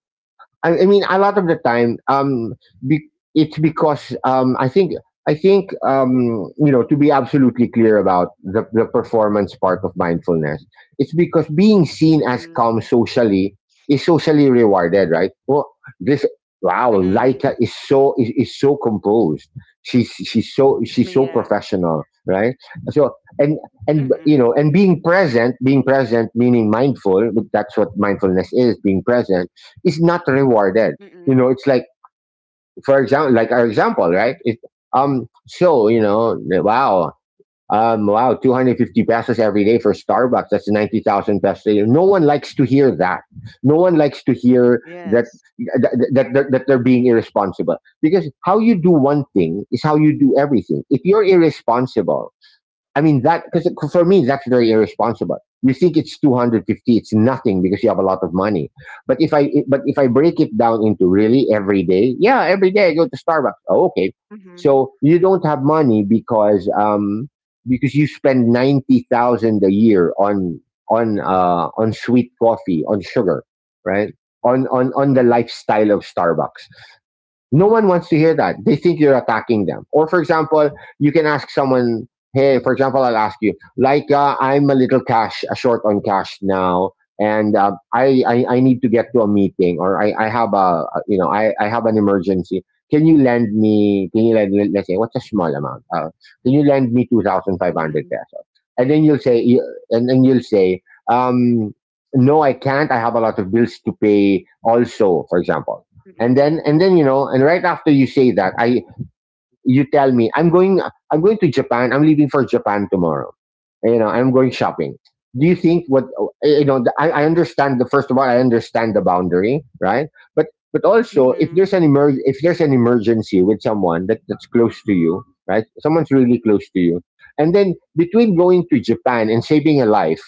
[SPEAKER 2] I, I mean, a lot of the time, um, be, it's because, um, I think I think, um, you know, to be absolutely clear about the, the performance part of mindfulness, it's because being seen as calm
[SPEAKER 1] Mm-mm.
[SPEAKER 2] socially is socially rewarded, right? Well, this wow,
[SPEAKER 1] Mm-mm.
[SPEAKER 2] Laika is so is, is so composed. She's she's so she's so
[SPEAKER 1] Yes.
[SPEAKER 2] professional, right? So and and you
[SPEAKER 1] Mm-mm.
[SPEAKER 2] know and being present, being present meaning mindful. That's what mindfulness is: being present is not rewarded. You
[SPEAKER 1] Mm-mm.
[SPEAKER 2] know, it's like for example, like our example, right? If um, so you know, wow, um, wow, two hundred fifty pesos every day for Starbucks. That's ninety thousand pesos a year. No one likes to hear that. No one likes to hear that
[SPEAKER 1] Yes.
[SPEAKER 2] that, that that that they're being irresponsible, because how you do one thing is how you do everything. If you're irresponsible, I mean, that, because for me that's very irresponsible. You think it's two hundred fifty, it's nothing because you have a lot of money. But if I but if I break it down into really every day, yeah, every day I go to Starbucks. Oh, okay.
[SPEAKER 1] Mm-hmm.
[SPEAKER 2] So you don't have money because um because you spend ninety thousand a year on on uh on sweet coffee, on sugar, right? On on on the
[SPEAKER 1] Mm-hmm.
[SPEAKER 2] lifestyle of Starbucks. No one wants to hear that. They think you're attacking them. Or, for example, you can ask someone, hey, for example, I'll ask you, like, uh, I'm a little cash, uh, short on cash now, and uh, I, I, I need to get to a meeting, or I, I have a, you know, I, I have an emergency. Can you lend me, can you lend, let's say, what's a small amount? Uh, can you lend me two thousand five hundred
[SPEAKER 1] Mm-hmm.
[SPEAKER 2] pesos? And then you'll say, you- and then you'll say, um, no, I can't. I have a lot of bills to pay also, for example. And then and then you know and right after you say that, I you tell me, i'm going I'm going to Japan. I'm leaving for Japan tomorrow. You know, I'm going shopping. Do you think what? eh, you know the- i, I understand, the first of all I understand the boundary, right? but but also if
[SPEAKER 1] Mm-hmm.
[SPEAKER 2] there's an emer- if there's an emergency with someone that, that's close to you, right? Someone's really close to you, and then between going to Japan and saving a life,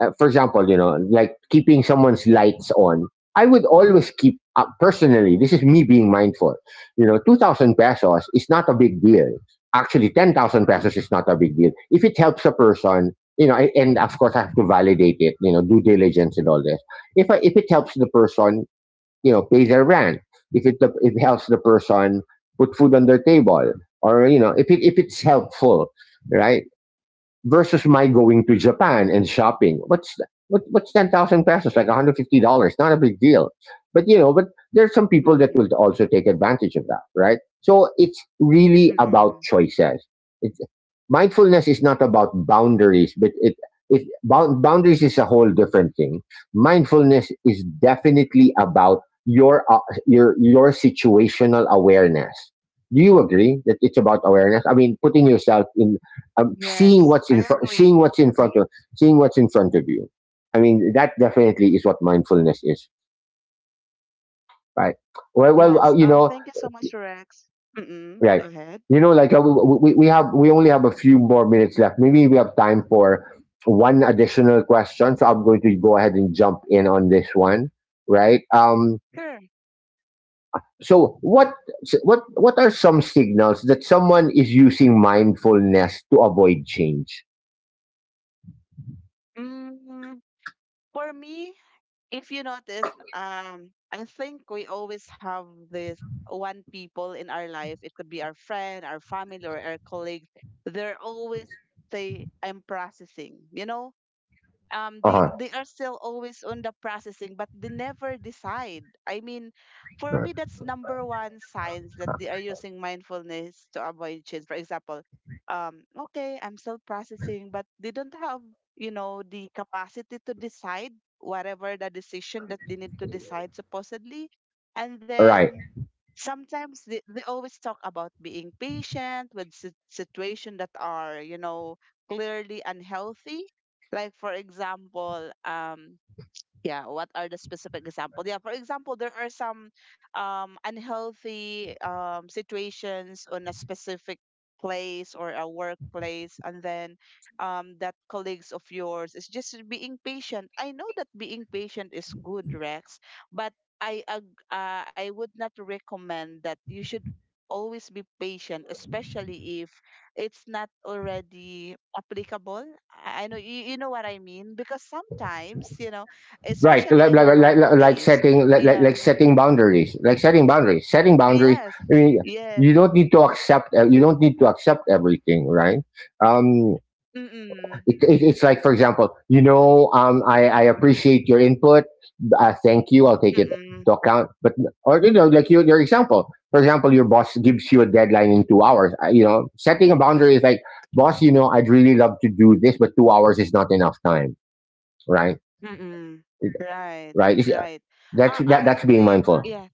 [SPEAKER 2] uh, for example, you know, like keeping someone's lights on, I would always keep up personally. This is me being mindful. You know, two thousand pesos is not a big deal. Actually, ten thousand pesos is not a big deal. If it helps a person, you know, I- and of course I have to validate it, you know, due diligence and all this. If I, if it helps the person, you know, pay their rent, if it, it helps the person put food on their table, or, you know, if it, if it's helpful, right? Versus my going to Japan and shopping. What's what, what's ten thousand pesos? Like one hundred fifty dollars? Not a big deal. But you know, but there's some people that
[SPEAKER 1] Mm-hmm.
[SPEAKER 2] will also take advantage of that, right? So it's really about
[SPEAKER 1] Mm-hmm.
[SPEAKER 2] choices. It's, mindfulness is not about boundaries, but it it bound, boundaries is a whole different thing. Mindfulness is definitely about your uh, your your situational awareness. Do you agree that it's about awareness? I mean, putting yourself in, um, seeing
[SPEAKER 1] Yes,
[SPEAKER 2] what's
[SPEAKER 1] I
[SPEAKER 2] in front, seeing
[SPEAKER 1] agree.
[SPEAKER 2] what's in front of, seeing what's in front of you. I mean, that definitely is what mindfulness is, right? Well, well, uh,
[SPEAKER 1] Yes.
[SPEAKER 2] you
[SPEAKER 1] Um,
[SPEAKER 2] know,
[SPEAKER 1] thank you so much, Rex. Mm-mm,
[SPEAKER 2] right?
[SPEAKER 1] go ahead.
[SPEAKER 2] You know, like uh, we, we- we have, we only have a few more minutes left. Maybe we have time for one additional question. So I'm going to go ahead and jump in on this one, right? Um,
[SPEAKER 1] Sure.
[SPEAKER 2] so what, so what, what are some signals that someone is using mindfulness to avoid change?
[SPEAKER 1] Mm, for me, if you notice, um, I think we always have this one people in our life. It could be our friend, our family, or our colleagues. They're always say, I'm processing, you know? um they
[SPEAKER 2] Uh
[SPEAKER 1] they are still always on the processing, but they never decide. I mean, for
[SPEAKER 2] huh.
[SPEAKER 1] me that's number one signs that they are using mindfulness to avoid change. For example, um okay, I'm still processing, but they don't have you know the capacity to decide whatever the decision that they need to decide supposedly. And
[SPEAKER 2] Right.
[SPEAKER 1] then sometimes they, they always talk about being patient with sit- situation that are you know clearly unhealthy. Like for example, um, yeah, what are the specific examples? Yeah, for example, there are some um, unhealthy um, situations on a specific place or a workplace, and then um, that colleagues of yours is just being patient. I know that being patient is good, Rex, but I ag- uh, I would not recommend that you should always be patient, especially if it's not already applicable. I I know you, you know what I mean, because sometimes you know
[SPEAKER 2] Right,
[SPEAKER 1] especially
[SPEAKER 2] like,
[SPEAKER 1] in
[SPEAKER 2] like,
[SPEAKER 1] a
[SPEAKER 2] like, like like
[SPEAKER 1] workplace.
[SPEAKER 2] setting like, like
[SPEAKER 1] Yeah.
[SPEAKER 2] like setting boundaries, like setting boundaries setting boundaries.
[SPEAKER 1] Yes.
[SPEAKER 2] I mean,
[SPEAKER 1] Yeah.
[SPEAKER 2] you don't need to accept, uh, you don't need to accept everything, right? um
[SPEAKER 1] Mm-mm.
[SPEAKER 2] it, it, it's like for example, you know, um i i appreciate your input. Uh, thank you, I'll take it
[SPEAKER 1] Mm-mm.
[SPEAKER 2] to account. But or, you know, like your, your example, for example, your boss gives you a deadline in two hours. Uh, you know, setting a boundary is like, boss, you know, I'd really love to do this, but two hours is not enough time, right?
[SPEAKER 1] Mm-mm. Right.
[SPEAKER 2] right It's-
[SPEAKER 1] Right.
[SPEAKER 2] that's
[SPEAKER 1] I
[SPEAKER 2] that,
[SPEAKER 1] I
[SPEAKER 2] that's being
[SPEAKER 1] think
[SPEAKER 2] mindful.
[SPEAKER 1] yeah.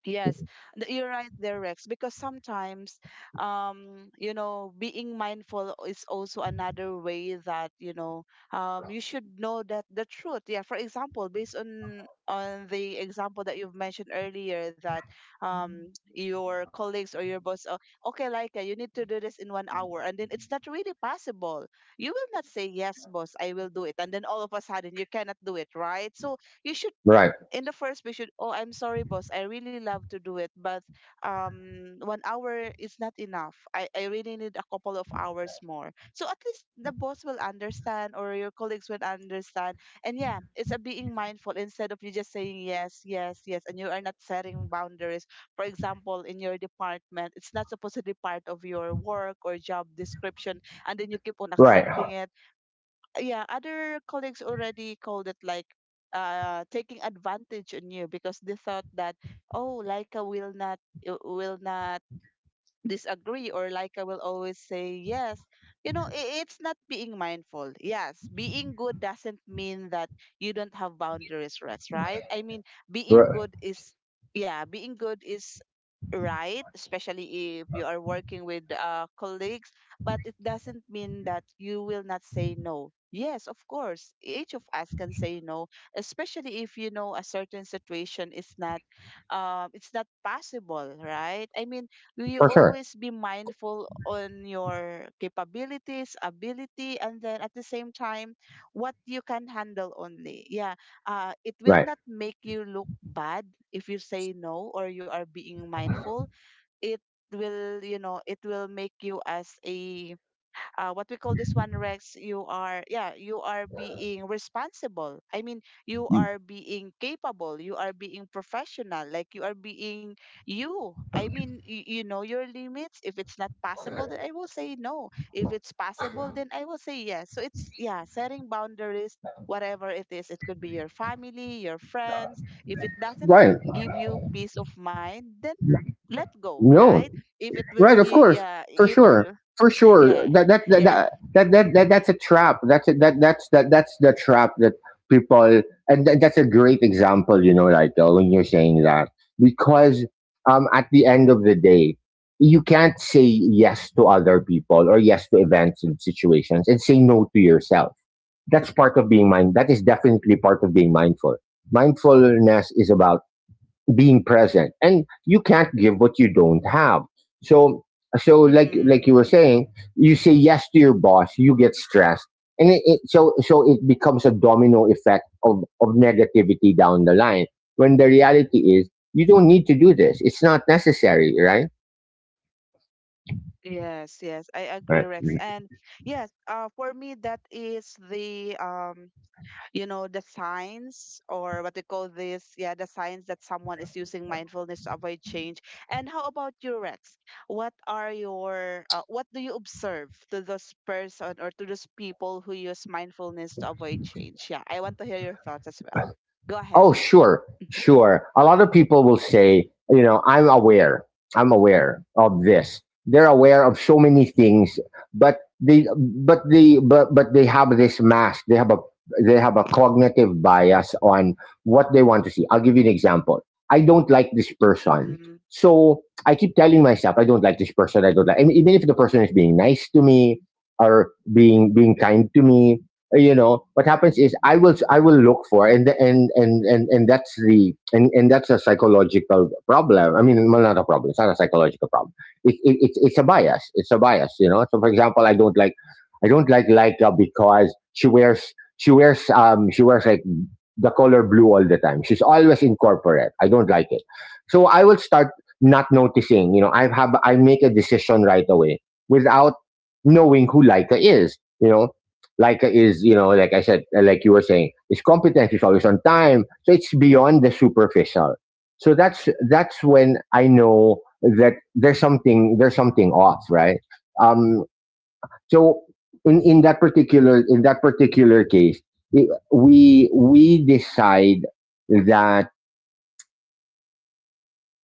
[SPEAKER 1] Yes, th- you're right there, Rex, because sometimes, um, you know, being mindful is also another way that, you know, um, you should know that the truth. Yeah, for example, based on on the example that you've mentioned earlier that um your colleagues or your boss, oh, okay, Laika, you need to do this in one hour, and then it's not really possible. You will not say, yes, boss, I will do it, and then all of a sudden you cannot do it, right? So you should
[SPEAKER 2] Right.
[SPEAKER 1] in the first we should, oh, I'm sorry, boss, I really love to do it, but um one hour is not enough. I, I really need a couple of hours more, so at least the boss will understand or your colleagues will understand. And yeah, it's a being mindful instead of you just saying yes, yes, yes, and you are not setting boundaries. For example, in your department, it's not supposed to be part of your work or job description, and then you keep on
[SPEAKER 2] Right.
[SPEAKER 1] accepting it. Yeah, other colleagues already called it like uh taking advantage on you because they thought that, oh, Laika will not, uh, will not disagree or Laika will always say yes. You know, i- it's not being mindful. Yes, being good doesn't mean that you don't have boundaries, Rex, right? I mean, being
[SPEAKER 2] Right.
[SPEAKER 1] good is yeah, being good is right, especially if you are working with uh, colleagues. But it doesn't mean that you will not say no. Yes, of course, each of us can say no, especially if you know a certain situation is not um, it's not possible, right? I mean, you
[SPEAKER 2] For sure.
[SPEAKER 1] always be mindful on your capabilities ability, and then at the same time what you can handle only. Yeah, uh, it will
[SPEAKER 2] Right.
[SPEAKER 1] not make you look bad if you say no or you are being mindful. It will, you know, it will make you as a uh, what we call this one, Rex, you are, yeah, you are being responsible. I mean, you are being capable, you are being professional, like you are being you I mean you, you know your limits. If it's not possible, then I will say no. If it's possible, then I will say yes. So it's, yeah, setting boundaries. Whatever it is, it could be your family, your friends. If it doesn't
[SPEAKER 2] Right.
[SPEAKER 1] give you peace of mind, then let go,
[SPEAKER 2] No.
[SPEAKER 1] right? if it will
[SPEAKER 2] Right. Of
[SPEAKER 1] give
[SPEAKER 2] course.
[SPEAKER 1] yeah
[SPEAKER 2] For
[SPEAKER 1] if it
[SPEAKER 2] sure.
[SPEAKER 1] will
[SPEAKER 2] For sure.
[SPEAKER 1] Yeah,
[SPEAKER 2] That that that
[SPEAKER 1] yeah.
[SPEAKER 2] that that, that, that that's a trap. That's a, that that's that that's the trap that people, and th- that's a great example. You know, like uh, when you're saying that because um at the end of the day you can't say yes to other people or yes to events and situations and say no to yourself. That's part of being mind. That is definitely part of being mindful. Mindfulness is about being present, and you can't give what you don't have. So, so like like
[SPEAKER 1] Mm-mm.
[SPEAKER 2] you were saying, you say yes to your boss, you get stressed, and it, it, so so it becomes a domino effect of of negativity down the line. When the reality is, you don't need to do this; it's not necessary, right?
[SPEAKER 1] Yes, yes, I agree,
[SPEAKER 2] Right.
[SPEAKER 1] Rex. And yes, uh, for me, that is the um, you know, the signs or what they call this, yeah, the signs that someone is using mindfulness to avoid change. And how about you, Rex? What are your, uh, what do you observe to those person or to those people who use mindfulness to avoid change? Yeah, I want to hear your thoughts as well. Go ahead.
[SPEAKER 2] Oh, sure, sure. A lot of people will say, you know, I'm aware. I'm aware of this. They're aware of so many things, but they, but they, but but they have this mask. They have a, they have a cognitive bias on what they want to see. I'll give you an example. I don't like this person,
[SPEAKER 1] Mm-hmm.
[SPEAKER 2] so I keep telling myself I don't like this person. I don't like. I mean, even if the person is being nice to me or being being kind to me, uh, you know what happens is, i will I will look for, and the- and and and, and that's the, and, and that's a psychological problem. I mean, well, not a problem, it's not a psychological problem, it, it, it's it's a bias, it's a bias You know, so for example, i don't like I don't like Laika because she wears she wears um she wears, like, the color blue all the time. She's always in corporate. I don't like it. So I will start not noticing. You know, I have I make a decision right away without knowing who Leica is. You know, Leica is, you know, like I said, uh, like you were saying, is competent, is always on time. So it's beyond the superficial. So that's that's when I know that there's something, there's something off, right? Um, so in, in that particular, in that particular case, we we decide that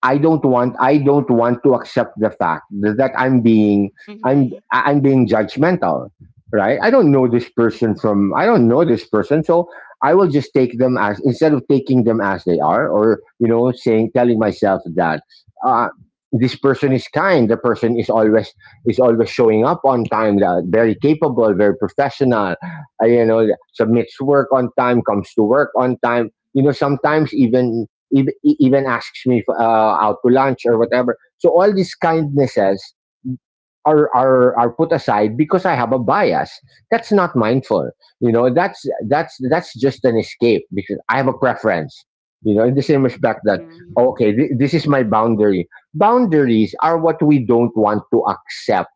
[SPEAKER 2] I don't want I don't want to accept the fact that I'm being I'm
[SPEAKER 1] Mm-hmm.
[SPEAKER 2] I'm being judgmental, right? I don't know this person from I don't know this person, so I will just take them as, instead of taking them as they are, or, you know, saying, telling myself that uh, this person is kind, the person is always, is always showing up on time. That, very capable, very professional, uh, you know, submits work on time, comes to work on time. You know, sometimes even even, e, even asks me if, uh, out to lunch or whatever. So all these kindnesses are, are are put aside because I have a bias. That's not mindful. You know, that's that's that's just an escape because I have a preference. You know, in the same respect that,
[SPEAKER 1] Mm-hmm.
[SPEAKER 2] okay, th- this is my boundary. Boundaries are what we don't want to accept,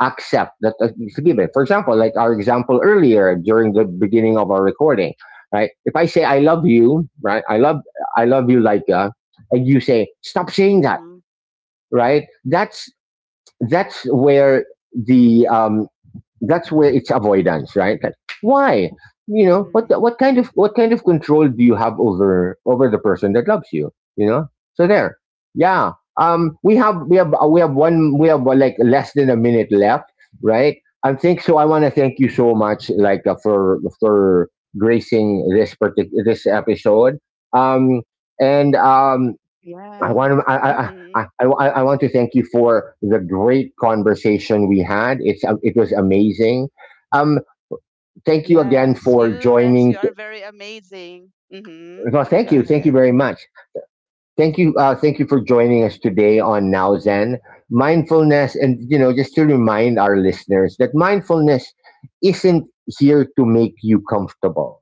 [SPEAKER 2] accept that, uh, it's given. For example, like our example earlier during the beginning of our recording, right? If I say I love you, right? I love I love you, like, and you say stop saying that,
[SPEAKER 1] Mm-hmm.
[SPEAKER 2] right? That's that's where the, um, that's where it's avoidance, right? Like, why? You know, what
[SPEAKER 1] Mm-hmm.
[SPEAKER 2] what kind of what kind of control do you have over, over the person that loves you? You know, so there, yeah. Um, we have, we have we have one we have uh, like less than a minute left, right? I think so. I want to thank you so much, like, uh, for for gracing this particular, this episode. Um, and um, I
[SPEAKER 1] Yeah.
[SPEAKER 2] want to, I, I,
[SPEAKER 1] Mm-hmm.
[SPEAKER 2] I, I, I want to thank you for the great conversation we had. It's, um, it was amazing. Um, thank you again
[SPEAKER 1] Yes,
[SPEAKER 2] for
[SPEAKER 1] you, Rex,
[SPEAKER 2] joining.
[SPEAKER 1] you are very amazing. Mm-hmm.
[SPEAKER 2] No, thank
[SPEAKER 1] Go
[SPEAKER 2] you, thank you
[SPEAKER 1] ahead.
[SPEAKER 2] very
[SPEAKER 1] Hmm.
[SPEAKER 2] much. Thank you, uh, thank you for joining us today on Now Zen mindfulness. And you know, just to remind our listeners that mindfulness isn't here to make you comfortable,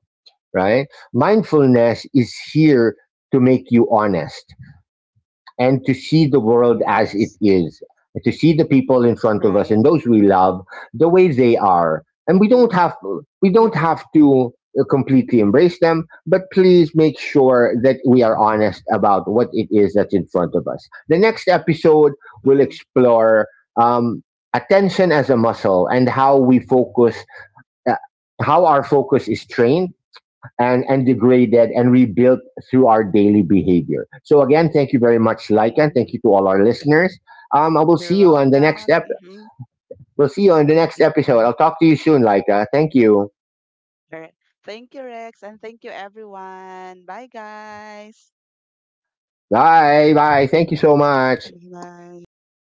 [SPEAKER 2] right? Mindfulness is here to make you honest, and to see the world as it
[SPEAKER 1] Yes,
[SPEAKER 2] is, to see the people in front of us and
[SPEAKER 1] right.
[SPEAKER 2] those we love the way they are. And we don't
[SPEAKER 1] Mm-hmm.
[SPEAKER 2] have, we don't have
[SPEAKER 1] Mm-mm.
[SPEAKER 2] to, uh, completely embrace them, but please make sure that we are honest about what it is that's in front of us. The next episode will
[SPEAKER 1] Mm-mm.
[SPEAKER 2] explore, um, attention as a muscle and how we focus, uh, how our focus is trained and, and degraded and rebuilt through our daily behavior. So again, thank you very much, Lycan.
[SPEAKER 1] Mm-hmm.
[SPEAKER 2] Thank you to all our listeners. Um, I will see
[SPEAKER 1] You're
[SPEAKER 2] you on the next
[SPEAKER 1] welcome.
[SPEAKER 2] ep.
[SPEAKER 1] Mm-hmm.
[SPEAKER 2] We'll see you on the next episode.
[SPEAKER 1] Mm-hmm.
[SPEAKER 2] I'll talk to you soon, Lyca. Thank you.
[SPEAKER 1] All right. Thank you, Rex, and thank you, everyone. Bye, guys.
[SPEAKER 2] Bye. Bye. Thank you so much.
[SPEAKER 1] Bye.